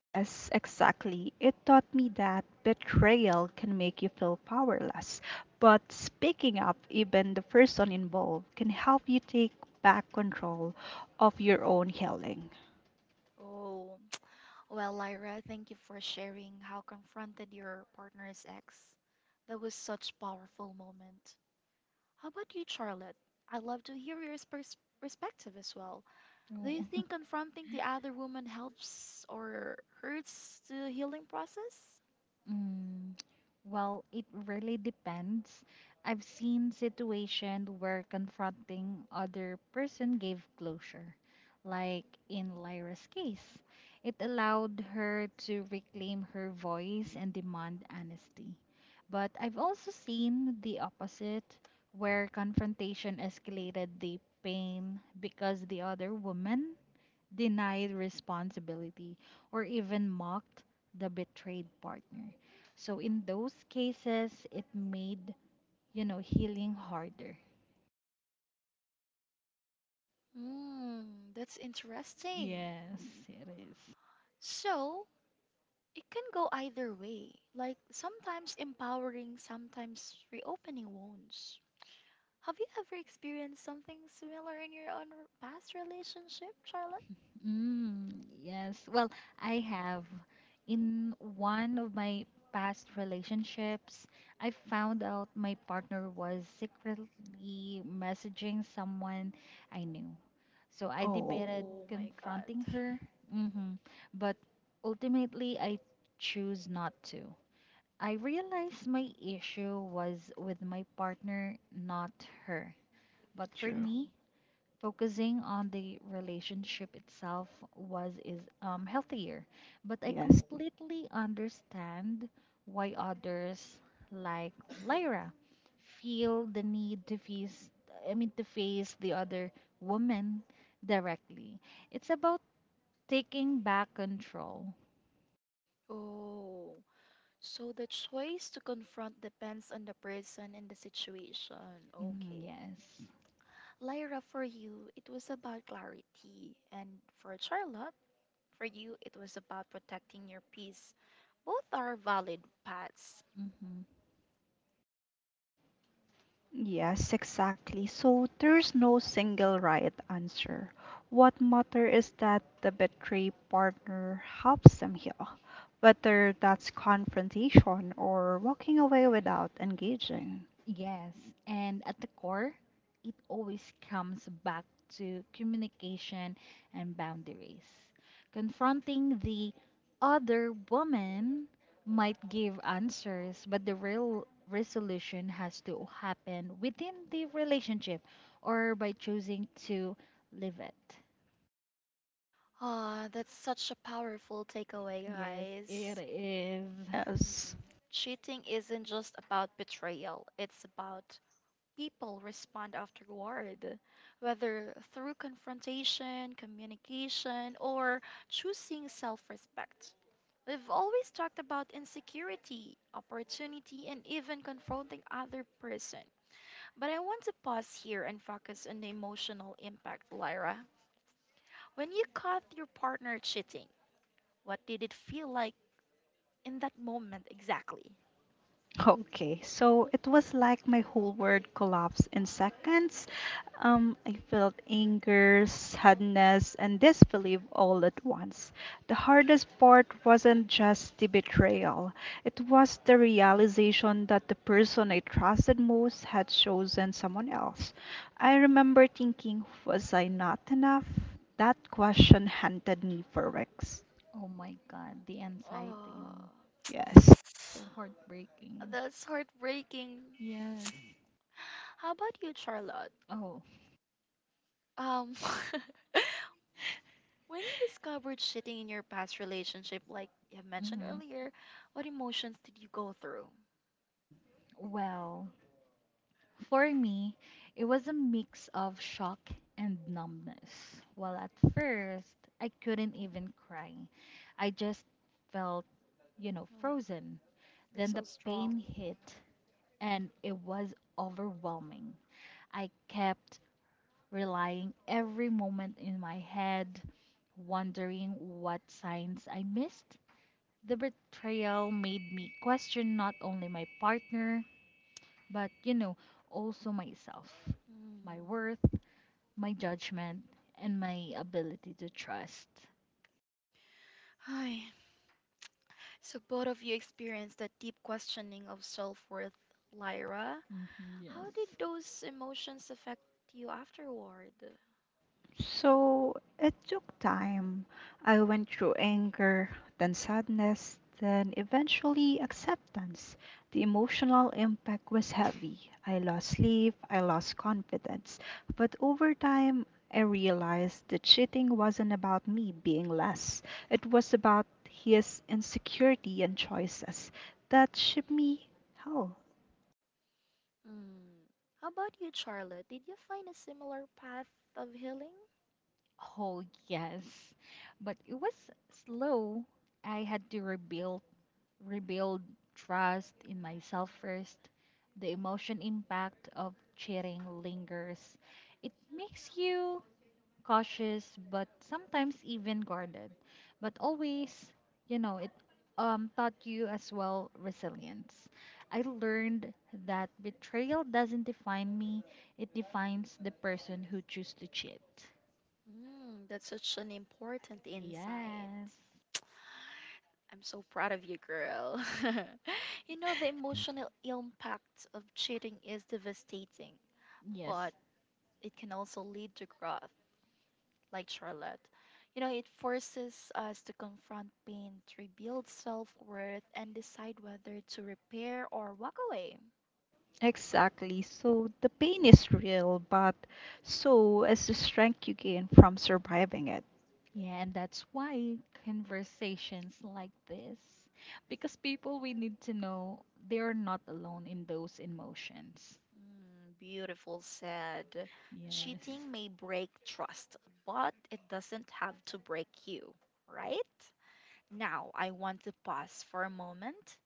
Speaker 2: Yes, exactly. It taught me that betrayal can make you feel powerless, but speaking up, even the person involved, can help you take back control of your own healing.
Speaker 1: Oh, well, Lyra, thank you for sharing how confronted your partner's ex. That was such powerful moment. How about you, Charlotte? I'd love to hear your perspective as well. Do you
Speaker 3: Oh.
Speaker 1: think confronting the other woman helps or hurts the healing process?
Speaker 3: Mm, well, it really depends. I've seen situations where confronting other person gave closure, like in Lyra's case. It allowed her to reclaim her voice and demand honesty. But I've also seen the opposite, where confrontation escalated the pain because the other woman denied responsibility, or even mocked the betrayed partner. So in those cases, it made, you know, healing harder.
Speaker 1: Hmm, that's interesting.
Speaker 3: Yes, it is.
Speaker 1: So, it can go either way, like sometimes empowering, sometimes reopening wounds. Have you ever experienced something similar in your own past relationship, Charlotte?
Speaker 3: Mm, yes. Well, I have. In
Speaker 1: Mm.
Speaker 3: one of my past relationships, I found out my partner was secretly messaging someone I knew. So I
Speaker 2: Oh,
Speaker 3: debated
Speaker 1: Oh my
Speaker 3: confronting
Speaker 1: God.
Speaker 3: her, hmm, but ultimately I choose not to. I realized my issue was with my partner, not her. But for
Speaker 2: true.
Speaker 3: me, focusing on the relationship itself was is healthier, but I
Speaker 2: Yes.
Speaker 3: completely understand why others like Lyra feel the need to face the other woman directly. It's about taking back control.
Speaker 1: Oh, so the choice to confront depends on the person and the situation.
Speaker 3: Mhm,
Speaker 1: Okay.
Speaker 3: yes.
Speaker 1: Lyra, for you, it was about clarity. And for Charlotte, for you, it was about protecting your peace. Both are valid paths.
Speaker 3: Mm-hmm.
Speaker 2: Yes, exactly. So there's no single right answer. What matters is that the betrayed partner helps them heal, whether that's confrontation or walking away without engaging.
Speaker 3: Yes, and at the core, it always comes back to communication and boundaries. Confronting the other woman might give answers, but the real resolution has to happen within the relationship or by choosing to leave it.
Speaker 1: Ah, that's such a powerful takeaway,
Speaker 3: Yes, it
Speaker 1: guys.
Speaker 3: is.
Speaker 2: Yes.
Speaker 1: Cheating isn't just about betrayal, it's about people respond afterward, whether through confrontation, communication, or choosing self respect. We've always talked about insecurity, opportunity, and even confronting other person. But I want to pause here and focus on the emotional impact, Lyra. When you caught your partner cheating, what did it feel like in that moment exactly?
Speaker 2: Okay, so it was like my whole world collapsed in seconds. I felt anger, sadness, and disbelief all at once. The hardest part wasn't just the betrayal, it was the realization that the person I trusted most had chosen someone else. I remember thinking, was I not enough? That question haunted me for weeks.
Speaker 3: Oh my god, the
Speaker 1: Oh.
Speaker 3: anxiety.
Speaker 2: Yes.
Speaker 3: So heartbreaking.
Speaker 1: That's heartbreaking.
Speaker 3: Yes.
Speaker 1: How about you, Charlotte?
Speaker 3: Oh.
Speaker 1: Um, when you discovered cheating in your past relationship, like you have mentioned
Speaker 3: Mm-hmm.
Speaker 1: earlier, what emotions did you go through?
Speaker 3: Well, for me, it was a mix of shock and numbness. Well, at first, I couldn't even cry. I just felt, frozen.
Speaker 1: You're
Speaker 3: Then
Speaker 1: so
Speaker 3: the
Speaker 1: strong.
Speaker 3: pain hit and it was overwhelming. I kept relying every moment in my head, wondering what signs I missed. The betrayal made me question not only my partner, but also myself, my
Speaker 1: Hmm.
Speaker 3: worth, my judgment, and my ability to trust.
Speaker 1: Hi. So both of you experienced that deep questioning of self-worth, Lyra.
Speaker 3: Hmm,
Speaker 1: How
Speaker 3: yes.
Speaker 1: did those emotions affect you afterward?
Speaker 2: So it took time. I went through anger, then sadness, then eventually acceptance. The emotional impact was heavy. I lost sleep, I lost confidence. But over time, I realized that cheating wasn't about me being less, it was about his insecurity and choices that shipped me hell.
Speaker 1: Hmm. How about you, Charlotte? Did you find a similar path of healing?
Speaker 3: Oh, yes. But it was slow. I had to rebuild trust in myself first. The emotion impact of cheating lingers. It makes you cautious but sometimes even guarded, but always, you know it, taught you as well resilience. I learned that betrayal doesn't define me, it defines the person who choose to cheat.
Speaker 1: Mm, that's such an important insight.
Speaker 3: Yes.
Speaker 1: I'm so proud of you, girl. You know, the emotional impact of cheating is devastating,
Speaker 3: Yes.
Speaker 1: but it can also lead to growth, like Charlotte. You know, it forces us to confront pain, to rebuild self worth, and decide whether to repair or walk away.
Speaker 2: Exactly. So the pain is real, but so is the strength you gain from surviving it.
Speaker 3: Yeah, and that's why conversations like this, because people we need to know they are not alone in those emotions.
Speaker 1: Mm, beautiful said.
Speaker 3: Yes.
Speaker 1: Cheating may break trust, but it doesn't have to break you, right? Now, I want to pause for a moment.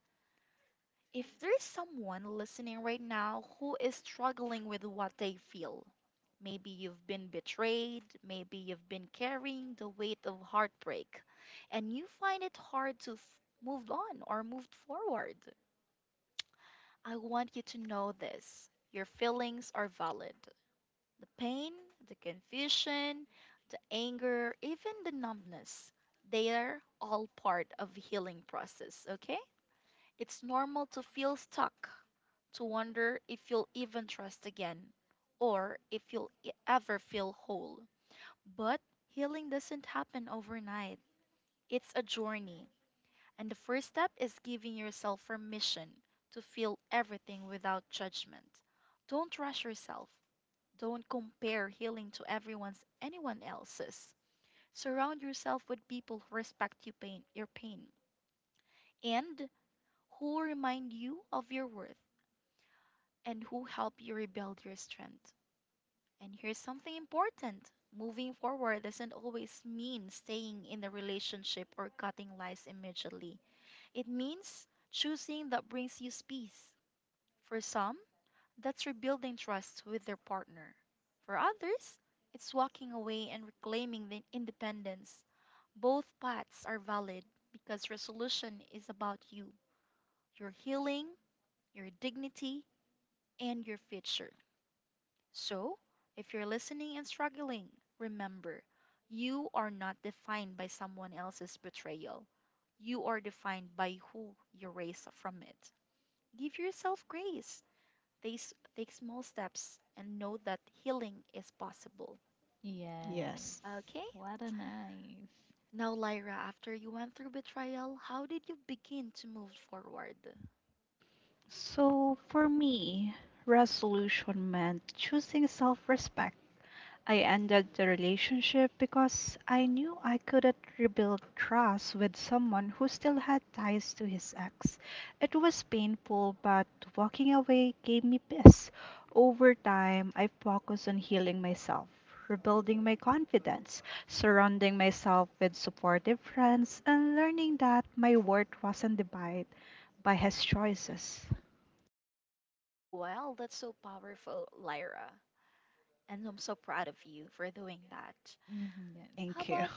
Speaker 1: If there's someone listening right now who is struggling with what they feel, maybe you've been betrayed, maybe you've been carrying the weight of heartbreak, and you find it hard to move on or move forward, I want you to know this. Your feelings are valid. The pain, the confusion, the anger, even the numbness, they are all part of healing process, okay? It's normal to feel stuck, to wonder if you'll even trust again, or if you'll ever feel whole. But healing doesn't happen overnight, it's a journey. And the first step is giving yourself permission to feel everything without judgment. Don't rush yourself. Don't compare healing to everyone's anyone else's. Surround yourself with people who respect you pain, your pain, and who remind you of your worth, and who help you rebuild your strength. And here's something important: moving forward doesn't always mean staying in the relationship or cutting lies immediately, it means choosing that brings you peace. For some, that's rebuilding trust with their partner, for others, it's walking away and reclaiming the independence. Both paths are valid because resolution is about you, your healing, your dignity, and your future. So, if you're listening and struggling, remember, you are not defined by someone else's betrayal. You are defined by who you raised from it. Give yourself grace. Take small steps and know that healing is possible.
Speaker 3: Yes.
Speaker 2: Yes.
Speaker 1: Okay?
Speaker 3: What a nice.
Speaker 1: Now, Lyra, after you went through betrayal, how did you begin to move forward?
Speaker 2: So for me, resolution meant choosing self respect. I ended the relationship because I knew I couldn't rebuild trust with someone who still had ties to his ex. It was painful, but walking away gave me peace. Over time, I focused on healing myself, rebuilding my confidence, surrounding myself with supportive friends, and learning that my worth wasn't divided by his choices.
Speaker 1: Well, that's so powerful, Lyra. And I'm so proud of you for doing that.
Speaker 3: Mhm, yes.
Speaker 1: How
Speaker 2: Thank you.
Speaker 1: about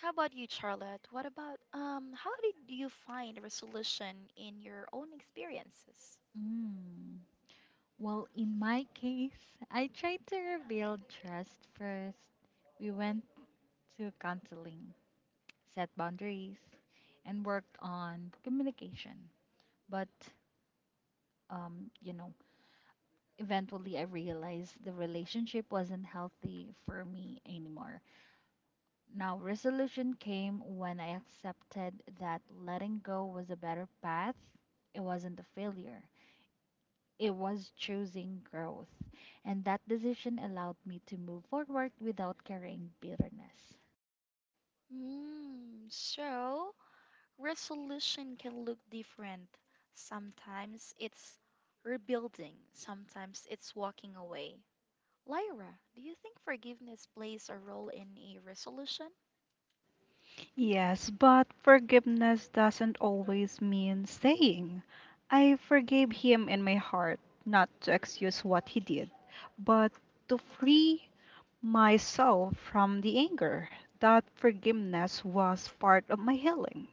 Speaker 1: How about you, Charlotte? What about how did you find resolution in your own experiences?
Speaker 3: Mm. Well, in my case, I tried to rebuild trust first. We went to counseling, set boundaries, and worked on communication. But, um, you know, eventually I realized the relationship wasn't healthy for me anymore. Now, resolution came when I accepted that letting go was a better path. It wasn't a failure. It was choosing growth, and that decision allowed me to move forward without carrying bitterness.
Speaker 1: Mm, so resolution can look different. Sometimes it's rebuilding, sometimes it's walking away. Lyra, do you think forgiveness plays a role in a resolution?
Speaker 2: Yes, but forgiveness doesn't always mean saying, I forgave him in my heart, not to excuse what he did, but to free myself from the anger. That forgiveness was part of my healing.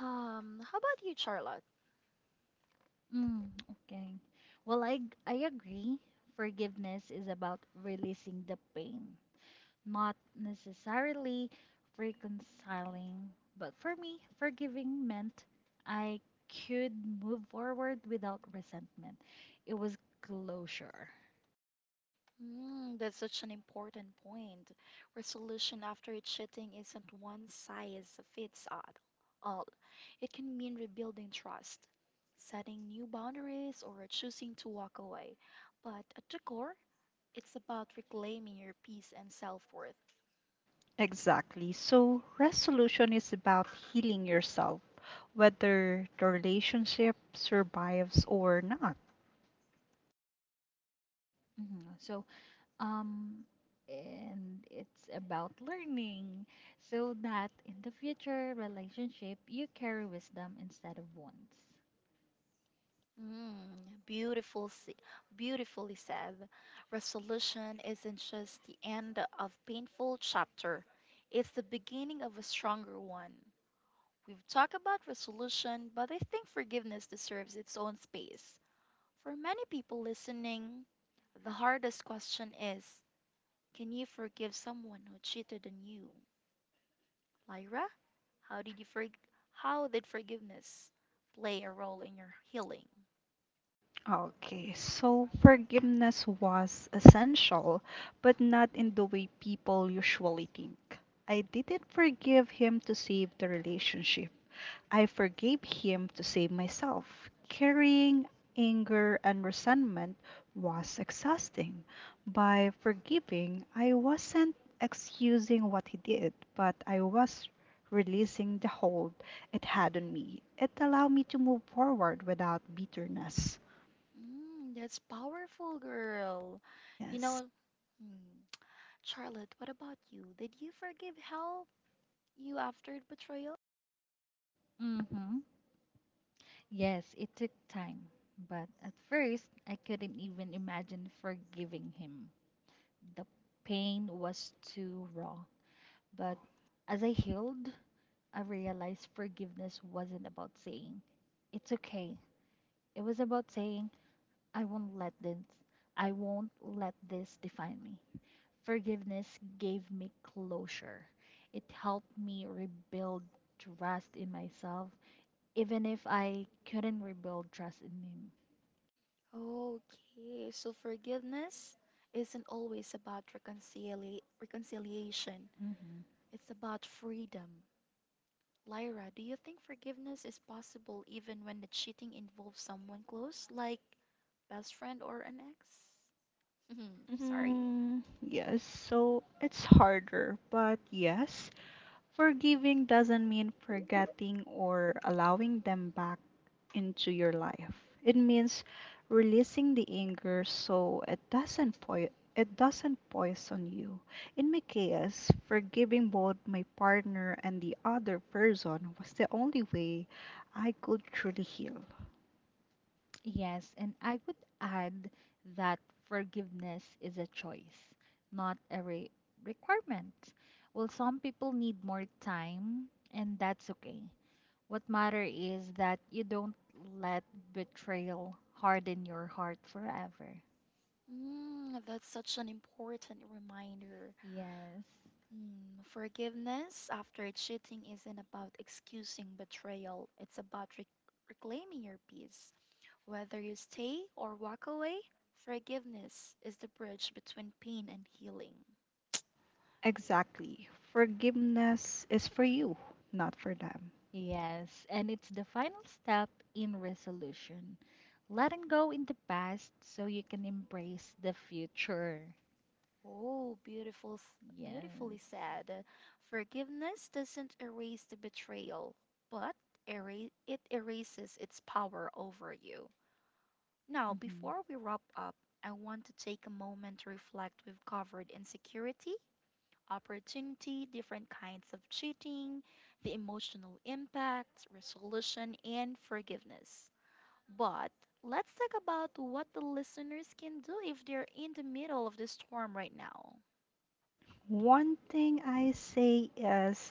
Speaker 1: How about you, Charlotte?
Speaker 3: Mm, okay. Well, I agree. Forgiveness is about releasing the pain, not necessarily reconciling. But for me, forgiving meant I could move forward without resentment. It was closure.
Speaker 1: Mm, that's such an important point. Resolution after cheating isn't one size fits all. It can mean rebuilding trust, setting new boundaries, or choosing to walk away. But at the core, it's about reclaiming your peace and self-worth.
Speaker 2: Exactly. So, resolution is about healing yourself, whether the relationship survives or not.
Speaker 3: Mhm. So, um, and it's about learning so that in the future relationship you carry wisdom instead of wants.
Speaker 1: Mm, beautiful, s- Beautifully said. Resolution isn't just the end of painful chapter; it's the beginning of a stronger one. We've talked about resolution, but I think forgiveness deserves its own space. For many people listening, the hardest question is, can you forgive someone who cheated on you? Lyra, how did you how did forgiveness play a role in your healing?
Speaker 2: Okay, so forgiveness was essential, but not in the way people usually think. I didn't forgive him to save the relationship. I forgave him to save myself. Carrying anger and resentment was exhausting. By forgiving, I wasn't excusing what he did, but I was releasing the hold it had on me. It allowed me to move forward without bitterness.
Speaker 1: Mm, that's powerful, girl. You
Speaker 2: Yes.
Speaker 1: know, hmm, Charlotte, what about you? Did you forgive help you after the betrayal?
Speaker 3: Mm-hmm. Yes, it took time, but at first I couldn't even imagine forgiving him. The pain was too raw, but
Speaker 2: Oh.
Speaker 3: as I healed I realized forgiveness wasn't about saying it's okay, it was about saying i won't let this I won't let this define me. Forgiveness gave me closure. It helped me rebuild trust in myself, even if I couldn't rebuild trust in him.
Speaker 1: Okay, so forgiveness isn't always about reconciliation.
Speaker 3: Hmm.
Speaker 1: It's about freedom. Lyra, do you think forgiveness is possible even when the cheating involves someone close, like best friend or an ex? Sorry.
Speaker 2: Mm, yes, so it's harder, but yes, forgiving doesn't mean forgetting or allowing them back into your life. It means releasing the anger so it doesn't poison you. In my case, forgiving both my partner and the other person was the only way I could truly heal.
Speaker 3: Yes, and I would add that forgiveness is a choice, not a requirement. Well, some people need more time, and that's okay. What matter is that you don't let betrayal harden your heart forever.
Speaker 1: Mm, that's such an important reminder.
Speaker 3: Yes.
Speaker 1: Mm, forgiveness after cheating isn't about excusing betrayal, it's about reclaiming your peace. Whether you stay or walk away, forgiveness is the bridge between pain and healing.
Speaker 2: Exactly. Forgiveness is for you, not for them.
Speaker 3: Yes, and it's the final step in resolution. Letting go in the past so you can embrace the future.
Speaker 1: Oh,
Speaker 3: Yes.
Speaker 1: beautifully said. Forgiveness doesn't erase the betrayal, but it erases its power over you. Now,
Speaker 3: Mm-hmm.
Speaker 1: before we wrap up, I want to take a moment to reflect. We've covered insecurity, opportunity, different kinds of cheating, the emotional impact, resolution, and forgiveness. But let's talk about what the listeners can do if they're in the middle of the storm right now.
Speaker 2: One thing I say is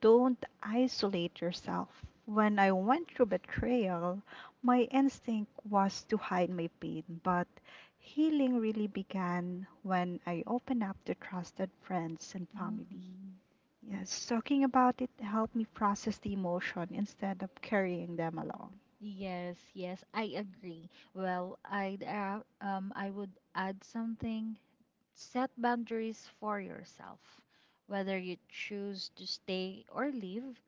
Speaker 2: don't isolate yourself. When I went through betrayal, my instinct was to hide my pain, but healing really began when I opened up to trusted friends and family.
Speaker 3: Mm-hmm.
Speaker 2: Yes, talking about it helped me process the emotion instead of carrying them along.
Speaker 3: Yes, yes, I agree. Well, I would add something. Set boundaries for yourself. Whether you choose to stay or leave,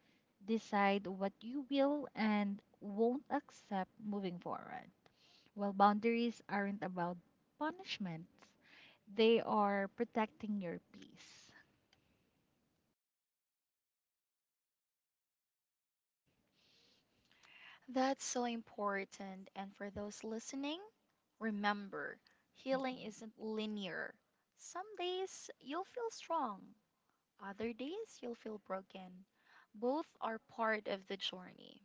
Speaker 3: decide what you will and won't accept moving forward. Well, boundaries aren't about punishments, they are protecting your peace.
Speaker 1: That's so important. And for those listening, remember healing
Speaker 3: Mhm.
Speaker 1: isn't linear. Some days you'll feel strong, other days you'll feel broken. Both are part of the journey.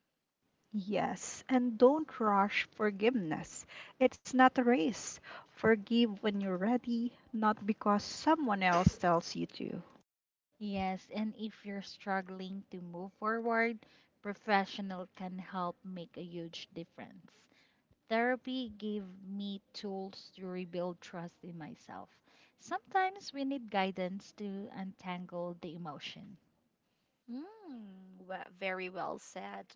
Speaker 2: Yes, and don't rush forgiveness. It's not a race. Forgive when you're ready, not because someone else tells you to.
Speaker 3: Yes, and if you're struggling to move forward, professional can help make a huge difference. Therapy gave me tools to rebuild trust in myself. Sometimes we need guidance to untangle the emotion,
Speaker 1: Very well said.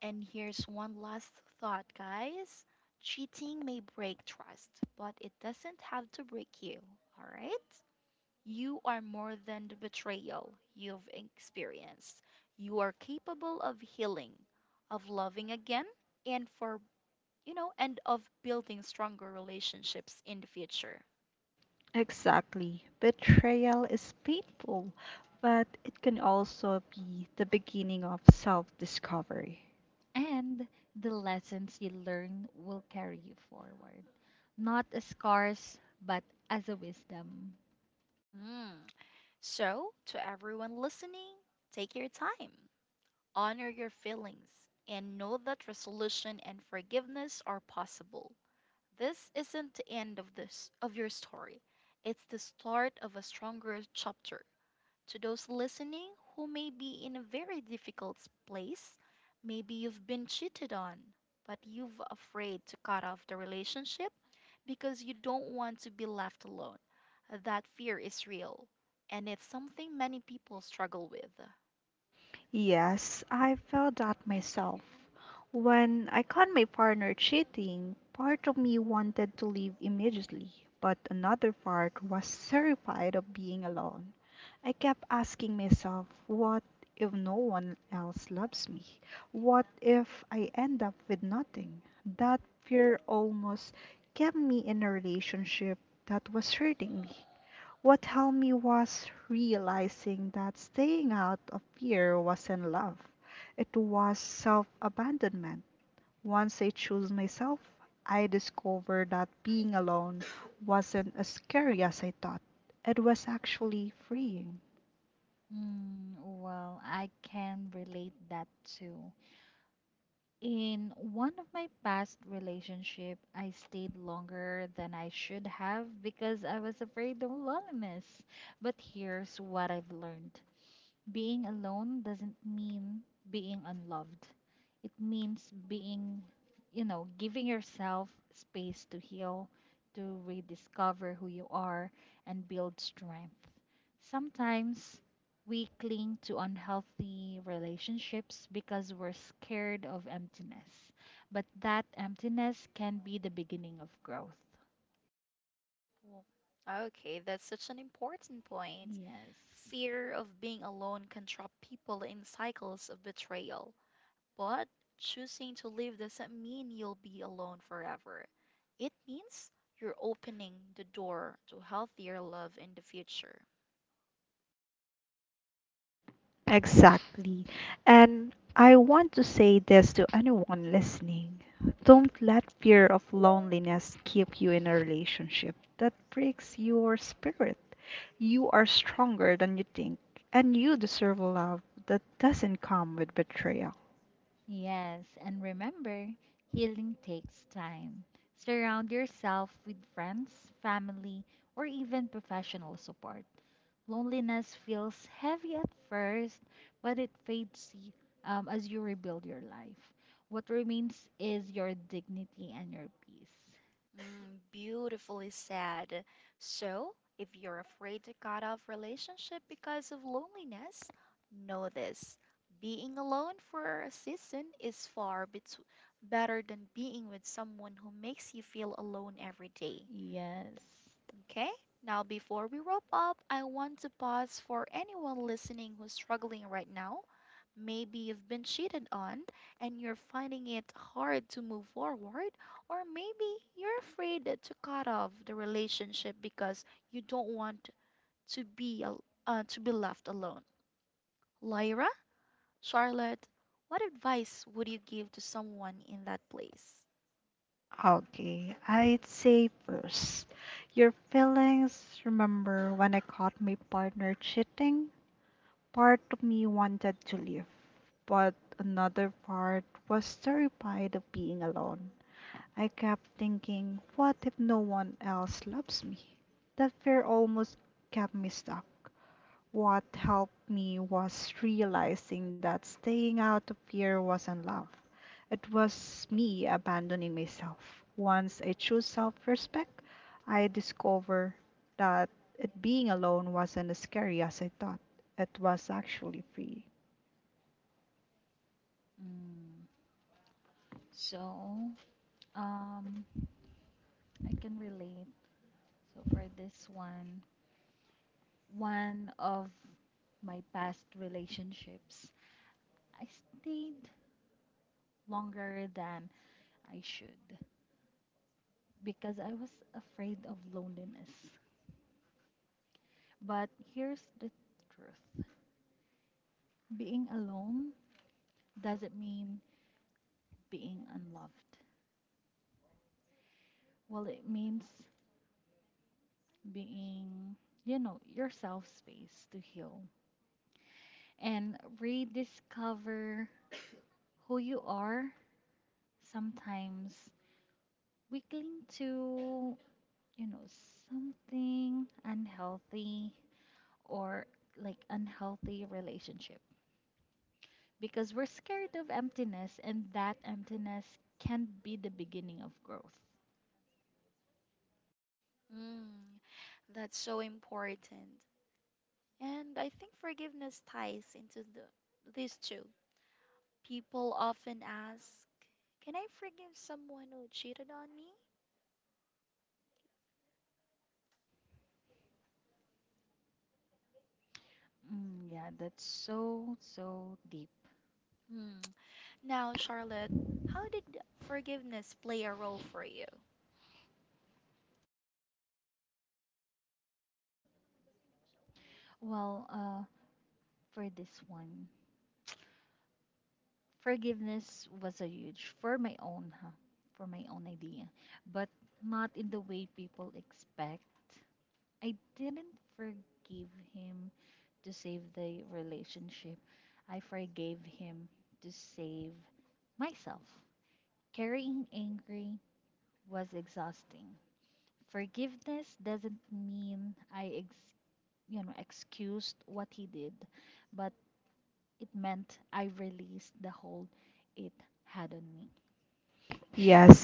Speaker 1: And here's one last thought, guys. Cheating may break trust, but it doesn't have to break you, all right? You are more than the betrayal you've experienced. You are capable of healing, of loving again, and for, you know, and of building stronger relationships in the future.
Speaker 2: Exactly. Betrayal is painful, but it can also be the beginning of self discovery.
Speaker 3: and the lessons you learn will carry you forward, not as scars, but as a wisdom.
Speaker 1: Mm. So, to everyone listening, take your time. Honor your feelings and know that resolution and forgiveness are possible. This isn't the end of this of your story. It's the start of a stronger chapter. To those listening who may be in a very difficult place, maybe you've been cheated on, but you've afraid to cut off the relationship because you don't want to be left alone. That fear is real, and it's something many people struggle with.
Speaker 2: Yes, I felt that myself. When I caught my partner cheating, part of me wanted to leave immediately, but another part was terrified of being alone. I kept asking myself, what if no one else loves me? What if I end up with nothing? That fear almost kept me in a relationship that was hurting me. What helped me was realizing that staying out of fear wasn't love, it was self abandonment. Once I chose myself, I discovered that being alone wasn't as scary as I thought. It was actually freeing.
Speaker 3: Mm, well, I can relate that too. In one of my past relationship, I stayed longer than I should have because I was afraid of loneliness. But here's what I've learned. Being alone doesn't mean being unloved. It means being, giving yourself space to heal, to rediscover who you are, and build strength. Sometimes we cling to unhealthy relationships because we're scared of emptiness, but that emptiness can be the beginning of growth.
Speaker 1: Well, okay, that's such an important point.
Speaker 3: Yes.
Speaker 1: Fear of being alone can trap people in cycles of betrayal. But choosing to leave doesn't mean you'll be alone forever. It means you're opening the door to healthier love in the future.
Speaker 2: Exactly. And I want to say this to anyone listening. Don't let fear of loneliness keep you in a relationship that breaks your spirit. You are stronger than you think, and you deserve love that doesn't come with betrayal.
Speaker 3: Yes, and remember, healing takes time. Surround yourself with friends, family, or even professional support. Loneliness feels heavy at first, but it fades as you rebuild your life. What remains is your dignity and your peace.
Speaker 1: Mm, beautifully said. So, if you're afraid to cut off relationship because of loneliness, know this. Being alone for a season is better than being with someone who makes you feel alone every day.
Speaker 3: Yes.
Speaker 1: Okay? Now, before we wrap up, I want to pause for anyone listening who's struggling right now. Maybe you've been cheated on and you're finding it hard to move forward, or maybe you're afraid to cut off the relationship because you don't want to be left alone. Lyra, Charlotte, what advice would you give to someone in that place?
Speaker 2: Okay, I'd say first, your feelings. Remember when I caught my partner cheating? Part of me wanted to leave but another part was terrified of being alone. I kept thinking, what if no one else loves me? That fear almost kept me stuck. What helped me was realizing that staying out of fear wasn't love. It was me abandoning myself. Once I chose
Speaker 3: Mm. So, um, I can relate. So for this one, one of my past relationships, I stayed longer than I should because I was afraid of loneliness. But here's the truth, being alone doesn't mean being unloved. Well, it means being, you know, yourself space to heal and rediscover who you are. Sometimes we cling to, you know, something unhealthy or like unhealthy relationship because we're scared of emptiness, and that emptiness can be the beginning of growth.
Speaker 1: Mm, that's so important. And I think forgiveness ties into these two. People often ask, "Can I forgive someone who cheated on me?"
Speaker 3: Mm, yeah, that's so, so deep.
Speaker 1: Hmm. Now, Charlotte, how did forgiveness play a role for you?
Speaker 3: Well, for this one, forgiveness was a huge for my own, huh? For my own idea, but not in the way people expect. I didn't forgive him to save the relationship. I forgave him to save myself. Carrying angry was exhausting. Forgiveness doesn't mean I excused what he did, but it meant I released the hold it had on me.
Speaker 1: Mm.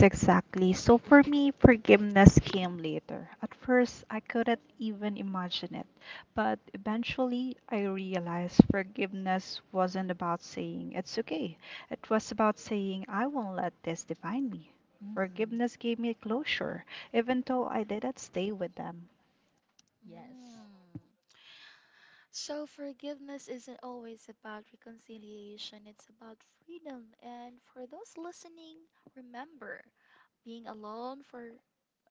Speaker 3: Mhm. Yes.
Speaker 1: Mm. So, forgiveness isn't always about reconciliation, it's about freedom. And for those listening, remember, being alone for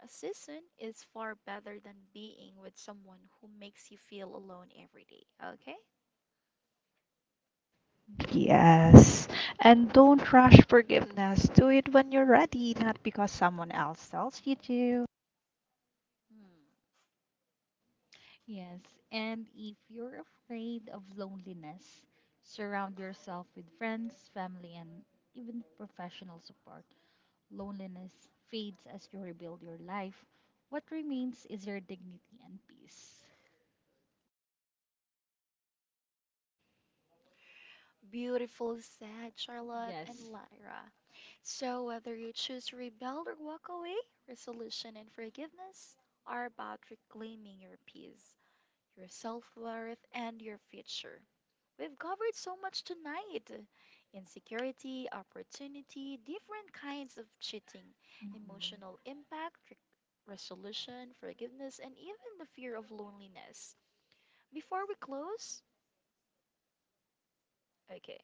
Speaker 1: a season is far better than being with someone who makes you feel alone every day, okay? Hmm.
Speaker 3: Yes, and if you're afraid of loneliness, surround yourself with friends, family, and even professional support. Loneliness fades as you rebuild your life. What remains is your dignity and peace.
Speaker 1: Beautiful said, Charlotte and
Speaker 3: Yes.
Speaker 1: Lyra. So, whether you choose to rebel or walk away, resolution and forgiveness are about reclaiming your peace, your self worth, and your future. We've covered so much tonight: insecurity, opportunity, different kinds of cheating,
Speaker 3: Hmm.
Speaker 1: emotional impact, resolution, forgiveness, and even the fear of loneliness. Before we close, okay.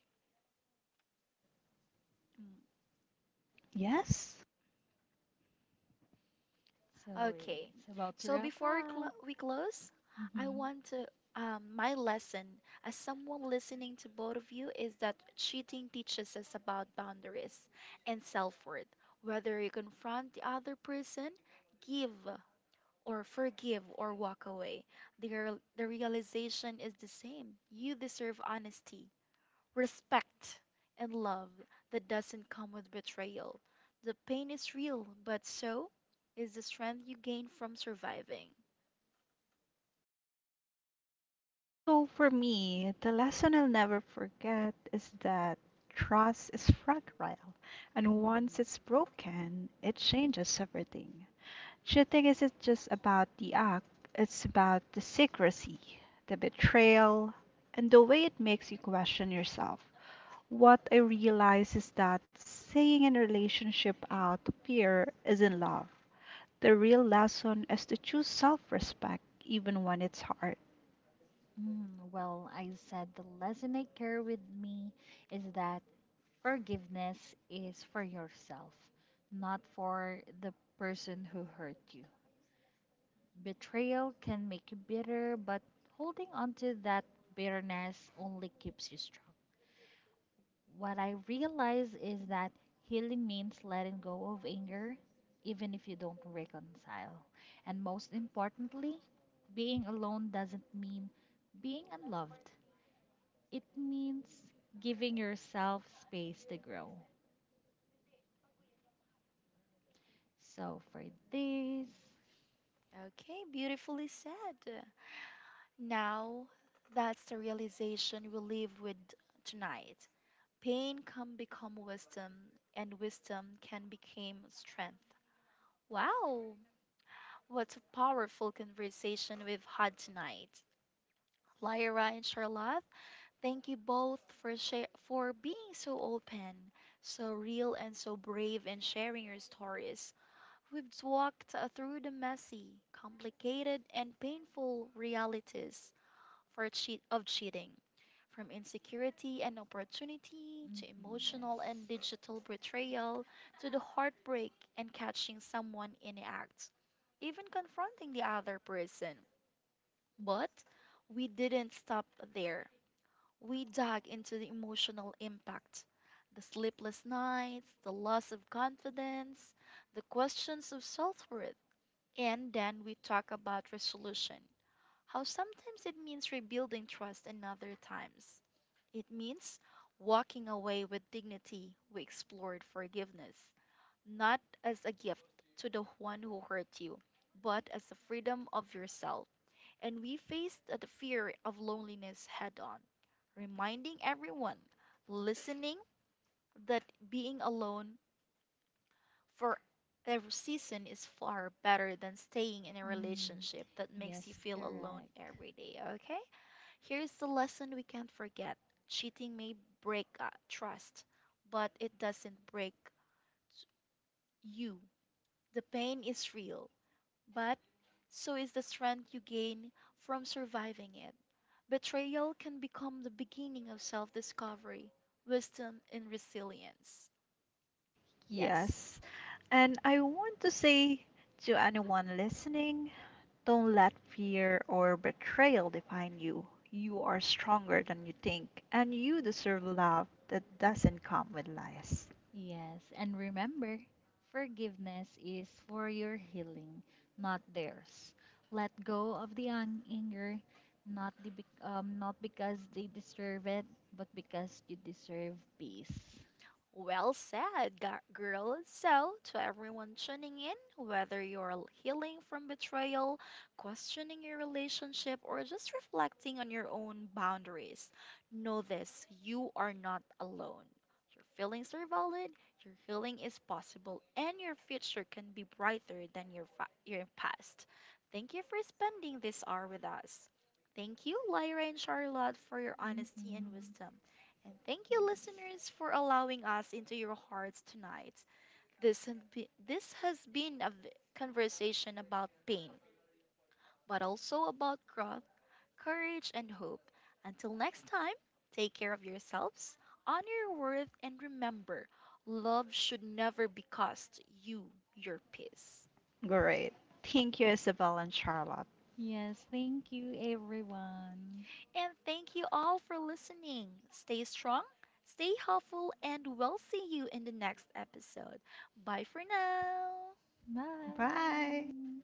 Speaker 3: So
Speaker 1: Okay.
Speaker 3: it's about to
Speaker 1: So
Speaker 3: wrap
Speaker 1: before we, cl-
Speaker 3: up.
Speaker 1: we close, I
Speaker 3: Hmm.
Speaker 1: want to, my lesson as someone listening to both of you is that cheating teaches us about boundaries and self-worth. Whether you confront the other person, give or forgive or walk away, the realization is the same. You deserve honesty, respect, and love that doesn't come with betrayal. The pain is real, but so is the strength you gain from surviving.
Speaker 3: Hmm. Mm, well, I said the lesson I carry with me is that forgiveness is for yourself, not for the person who hurt you. Betrayal can make you bitter, but holding on to that bitterness only keeps you strong. What I realize is that healing means letting go of anger, even if you don't reconcile. And most importantly, being alone doesn't mean being unloved, it means giving yourself space to grow. So for this,
Speaker 1: Okay, beautifully said. Now, that's the realization we live with tonight. Pain can become wisdom, and wisdom can become strength. Wow, what a powerful conversation we've had tonight. Lyra and Charlotte, thank you both for share for being so open, so real, and so brave in sharing your stories. We've walked through the messy, complicated, and painful realities for cheat of cheating, from insecurity and opportunity
Speaker 3: hmm.
Speaker 1: to emotional
Speaker 3: Yes.
Speaker 1: and digital betrayal, to the heartbreak and catching someone in the act, even confronting the other person. But we didn't stop there. We dug into the emotional impact, the sleepless nights, the loss of confidence, the questions of self worth, and then we talk about resolution. How sometimes it means rebuilding trust, and other times it means walking away with dignity. We explored forgiveness, not as a gift to the one who hurt you, but as a freedom of yourself. And we faced the fear of loneliness head on, reminding everyone listening that being alone for a season is far better than staying in a
Speaker 3: Mm.
Speaker 1: relationship that makes you
Speaker 3: Yes,
Speaker 1: feel alone
Speaker 3: correct.
Speaker 1: every day, okay? Here's the lesson we can't forget: cheating may break trust, but it doesn't break you. The pain is real. But so is the strength you gain from surviving it. Betrayal can become the beginning of self discovery, wisdom, and resilience. Yes.
Speaker 3: Yes. And remember, forgiveness is for your healing, not theirs. Let go of the anger, not because they deserve it, but because you deserve peace.
Speaker 1: Well said, girl. So, to everyone tuning in, whether you're healing from betrayal, questioning your relationship, or just reflecting on your own boundaries, know this: you are not alone. Your feelings are valid, your healing is possible, and your future can be brighter than your past. Thank you for spending this hour with us. Thank you, Lyra and Charlotte, for your honesty and
Speaker 3: Mm-hmm.
Speaker 1: wisdom. And thank you,
Speaker 3: Yes.
Speaker 1: listeners, for allowing us into your hearts tonight. This has been a conversation about pain, but also about growth, courage, and hope. Until next time, take care of yourselves, honor your worth, and remember love should never be cost you your peace.
Speaker 3: Yes, thank you, everyone.
Speaker 1: And thank you all for listening. Stay strong, stay helpful, and we'll see you in the next episode. Bye for now.
Speaker 3: Bye.